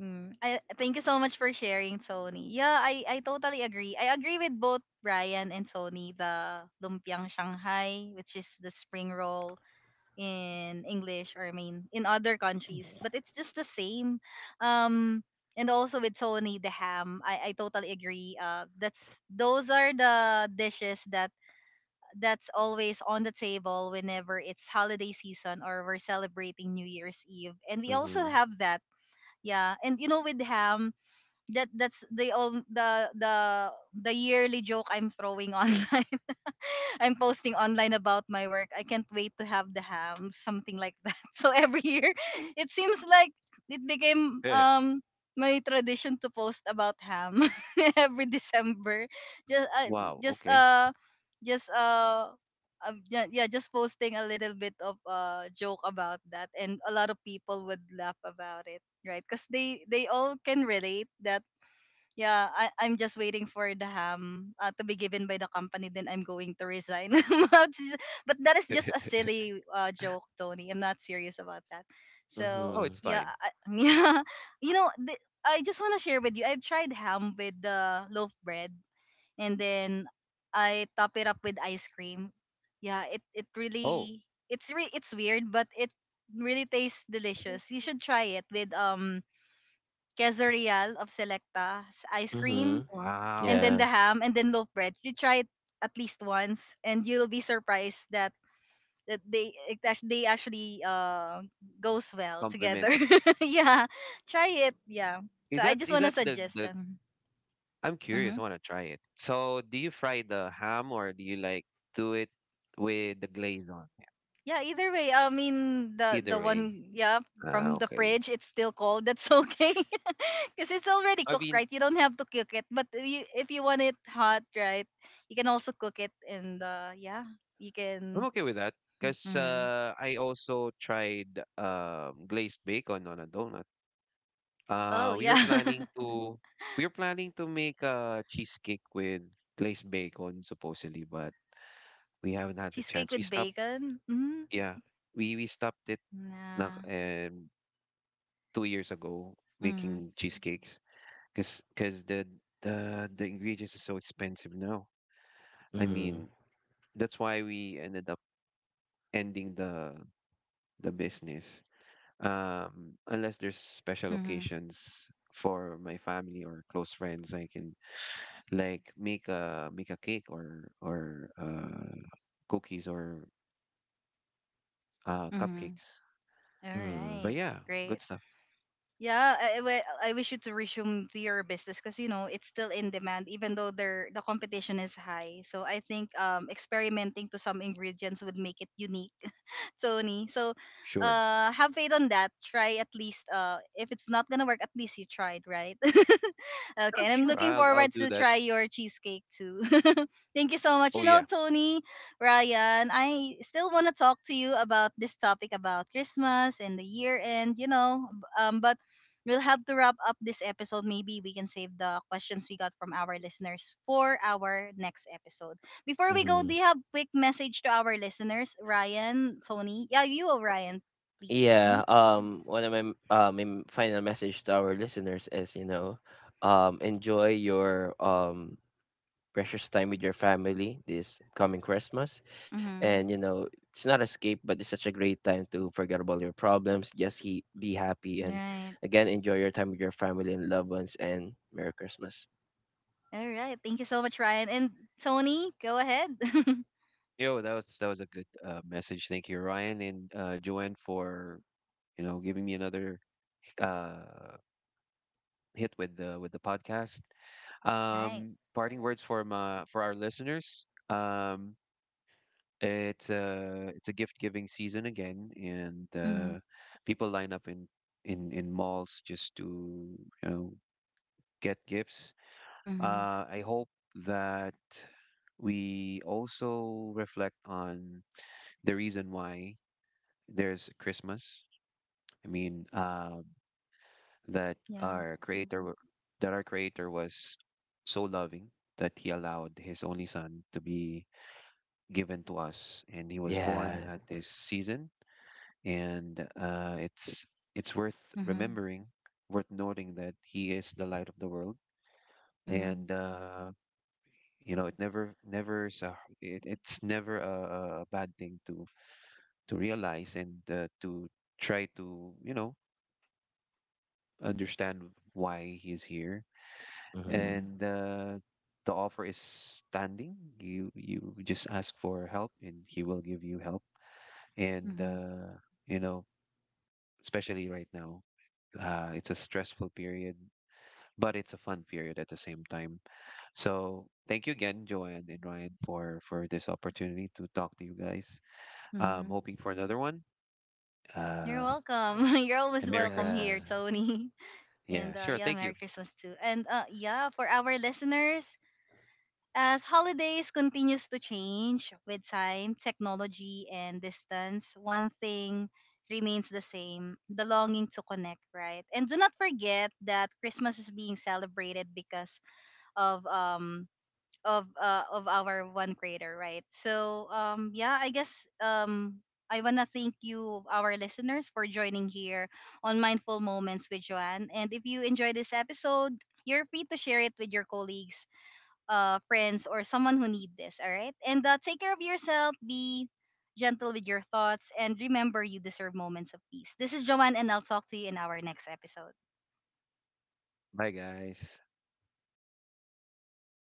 [SPEAKER 1] Mm. I thank you so much for sharing, Sony. Yeah, I totally agree. I agree with both Brian and Sony. The lumpiang Shanghai, which is the spring roll, in English or I mean in other countries, but it's just the same. Um, and also with Sony the ham, I totally agree. That's those are the dishes that that's always on the table whenever it's holiday season or we're celebrating New Year's Eve, and we also
[SPEAKER 3] Mhm.
[SPEAKER 1] have that. Yeah, and you know with ham, that that's the the yearly joke I'm throwing *laughs* online, *laughs* I'm posting online about my work. I can't wait to have the ham, *laughs* something like that. *laughs* So every year, *laughs* it seems like it became
[SPEAKER 2] Yeah.
[SPEAKER 1] my tradition to post about ham *laughs* every December. Just uh,
[SPEAKER 2] Wow.
[SPEAKER 1] just
[SPEAKER 2] Okay.
[SPEAKER 1] uh just Yeah, yeah, just posting a little bit of joke about that, and a lot of people would laugh about it, right? Because they all can relate that yeah, I'm just waiting for the ham to be given by the company. Then I'm going to resign. *laughs* Which is- but that is just a silly joke, Tony. I'm not serious about that. So
[SPEAKER 2] Oh,
[SPEAKER 3] Mhm.
[SPEAKER 2] it's
[SPEAKER 1] yeah,
[SPEAKER 2] fine.
[SPEAKER 1] *laughs* yeah, you know, I just want to share with you. I've tried ham with the loaf bread, and then I top it up with ice cream. Yeah,
[SPEAKER 2] Oh,
[SPEAKER 1] it's weird, but it really tastes delicious. You should try it with quesadillas of Selecta's ice cream
[SPEAKER 3] Mhm.
[SPEAKER 1] and
[SPEAKER 2] wow.
[SPEAKER 1] then
[SPEAKER 3] Yeah.
[SPEAKER 1] the ham and then loaf bread. You try it at least once, and you'll be surprised that they actually goes well
[SPEAKER 2] Compliment.
[SPEAKER 1] together. *laughs* Yeah, try it. Yeah.
[SPEAKER 2] Is
[SPEAKER 1] So I
[SPEAKER 2] that,
[SPEAKER 1] just
[SPEAKER 2] is
[SPEAKER 1] wanna
[SPEAKER 2] that the,
[SPEAKER 1] suggest
[SPEAKER 2] the?
[SPEAKER 1] them.
[SPEAKER 2] I'm
[SPEAKER 1] Mm-hmm.
[SPEAKER 2] curious. I want to try it. So, do you fry the ham, or do you like do it with the glaze on?
[SPEAKER 1] Yeah. Either way, I mean the
[SPEAKER 2] Either way.
[SPEAKER 1] one yeah
[SPEAKER 2] Ah,
[SPEAKER 1] from the
[SPEAKER 2] okay.
[SPEAKER 1] fridge, it's still cold. That's okay. *laughs* Because it's already
[SPEAKER 2] I
[SPEAKER 1] cooked,
[SPEAKER 2] mean,
[SPEAKER 1] right? You don't have to cook it. But if you want it hot, right, you can also cook it, and yeah, you
[SPEAKER 2] I'm
[SPEAKER 1] can.
[SPEAKER 2] okay with that because
[SPEAKER 1] Mhm.
[SPEAKER 2] I also tried glazed bacon on a donut. Uh,
[SPEAKER 1] Oh
[SPEAKER 2] we were
[SPEAKER 1] yeah,
[SPEAKER 2] planning
[SPEAKER 1] *laughs*
[SPEAKER 2] to we were planning to make a cheesecake with glazed bacon supposedly, but we haven't had the
[SPEAKER 1] cheesecake
[SPEAKER 2] chance. We
[SPEAKER 1] with
[SPEAKER 2] stopped,
[SPEAKER 1] bacon? Mm-hmm.
[SPEAKER 2] yeah, we stopped it na,
[SPEAKER 1] Yeah.
[SPEAKER 2] 2 years ago
[SPEAKER 1] Mm-hmm.
[SPEAKER 2] making cheesecakes because, the ingredients are so expensive now. I
[SPEAKER 3] Mhm.
[SPEAKER 2] mean, that's why we ended up ending the business. Unless there's special
[SPEAKER 1] Mm-hmm.
[SPEAKER 2] occasions for my family or close friends, I can like make a, make a cake, or cookies, or
[SPEAKER 1] Mm-hmm.
[SPEAKER 2] cupcakes.
[SPEAKER 1] All
[SPEAKER 3] Mhm.
[SPEAKER 2] But
[SPEAKER 1] right.
[SPEAKER 2] yeah, good
[SPEAKER 1] Great.
[SPEAKER 2] stuff.
[SPEAKER 1] Yeah, I wish you to resume to your business because you know it's still in demand, even though there the competition is high. So I think experimenting to some ingredients would make it unique. *laughs* Tony. So,
[SPEAKER 2] Sure.
[SPEAKER 1] have faith on that. Try at least. If it's not gonna work, at least you tried, right? *laughs* Okay,
[SPEAKER 2] Sure,
[SPEAKER 1] and I'm
[SPEAKER 2] sure.
[SPEAKER 1] looking
[SPEAKER 2] I'll
[SPEAKER 1] forward
[SPEAKER 2] do
[SPEAKER 1] to
[SPEAKER 2] that.
[SPEAKER 1] try your cheesecake too. *laughs* Thank you so much. You
[SPEAKER 2] Oh
[SPEAKER 1] know,
[SPEAKER 2] yeah.
[SPEAKER 1] Tony, Ryan, I still want to talk to you about this topic about Christmas and the year end. You know, but we'll have to wrap up this episode. Maybe we can save the questions we got from our listeners for our next episode. Before we go, do
[SPEAKER 3] Mhm.
[SPEAKER 1] you have quick message to our listeners, Ryan, Tony? Yeah, you, Ryan, please. Mhm.
[SPEAKER 3] Yeah. One of my final message to our listeners is, enjoy your precious time with your family this coming Christmas. And,
[SPEAKER 1] Mhm.
[SPEAKER 3] it's not escape, but it's such a great time to forget about your problems. Just he be happy, and
[SPEAKER 1] Right.
[SPEAKER 3] again, enjoy your time with your family and loved ones. And Merry Christmas.
[SPEAKER 1] All right. Thank you so much, Ryan and Tony. Go ahead. *laughs*
[SPEAKER 2] Yo, that was, that was a good message. Thank you, Ryan and Joanne, for, you know, giving me another uh hit with the, with the podcast.
[SPEAKER 1] Right.
[SPEAKER 2] Parting words for my, for our listeners. It's a, it's a gift giving season again, and
[SPEAKER 1] Mhm.
[SPEAKER 2] people line up in, in malls just to, you know, get gifts.
[SPEAKER 1] Mhm.
[SPEAKER 2] I hope that we also reflect on the reason why there's Christmas. I mean, that
[SPEAKER 1] Yeah.
[SPEAKER 2] our creator wa- that our creator was so loving that he allowed his only son to be given to us, and he was born
[SPEAKER 3] Yeah.
[SPEAKER 2] at this season, and it's worth
[SPEAKER 1] Mhm.
[SPEAKER 2] remembering, worth noting that he is the light of the world,
[SPEAKER 1] Mhm.
[SPEAKER 2] and you know, it never never is a, it's never a, a bad thing to, realize, and to try to, you know, understand why he is here,
[SPEAKER 3] Mhm.
[SPEAKER 1] Mhm.
[SPEAKER 2] and the offer is standing. You just ask for help, and he will give you help, and
[SPEAKER 1] Mhm.
[SPEAKER 2] you know, especially right now. It's a stressful period, but it's a fun period at the same time. So thank you again, Joanne and Ryan, for this opportunity to talk to you guys.
[SPEAKER 1] Mhm.
[SPEAKER 2] Hoping for another one.
[SPEAKER 1] You're
[SPEAKER 2] Uh,
[SPEAKER 1] welcome. *laughs* You're always
[SPEAKER 2] and Merry
[SPEAKER 1] welcome
[SPEAKER 3] Yeah.
[SPEAKER 1] here,
[SPEAKER 2] Christmas.
[SPEAKER 1] Tony. *laughs*
[SPEAKER 2] Yeah,
[SPEAKER 1] And
[SPEAKER 2] sure.
[SPEAKER 1] yeah,
[SPEAKER 2] Thank you.
[SPEAKER 1] Merry Christmas too. And yeah, for our listeners, as holidays continues to change with time, technology and distance, one thing remains the same, the longing to connect, right? And do not forget that Christmas is being celebrated because of um of our one creator, right? So yeah, I guess I want to thank you, our listeners, for joining here on Mindful Moments with Joanne. And if you enjoy this episode, you're free to share it with your colleagues friends or someone who need this. All right, and take care of yourself. Be gentle with your thoughts, and remember you deserve moments of peace. This is Joanne, and I'll talk to you in our next episode.
[SPEAKER 2] Bye, guys.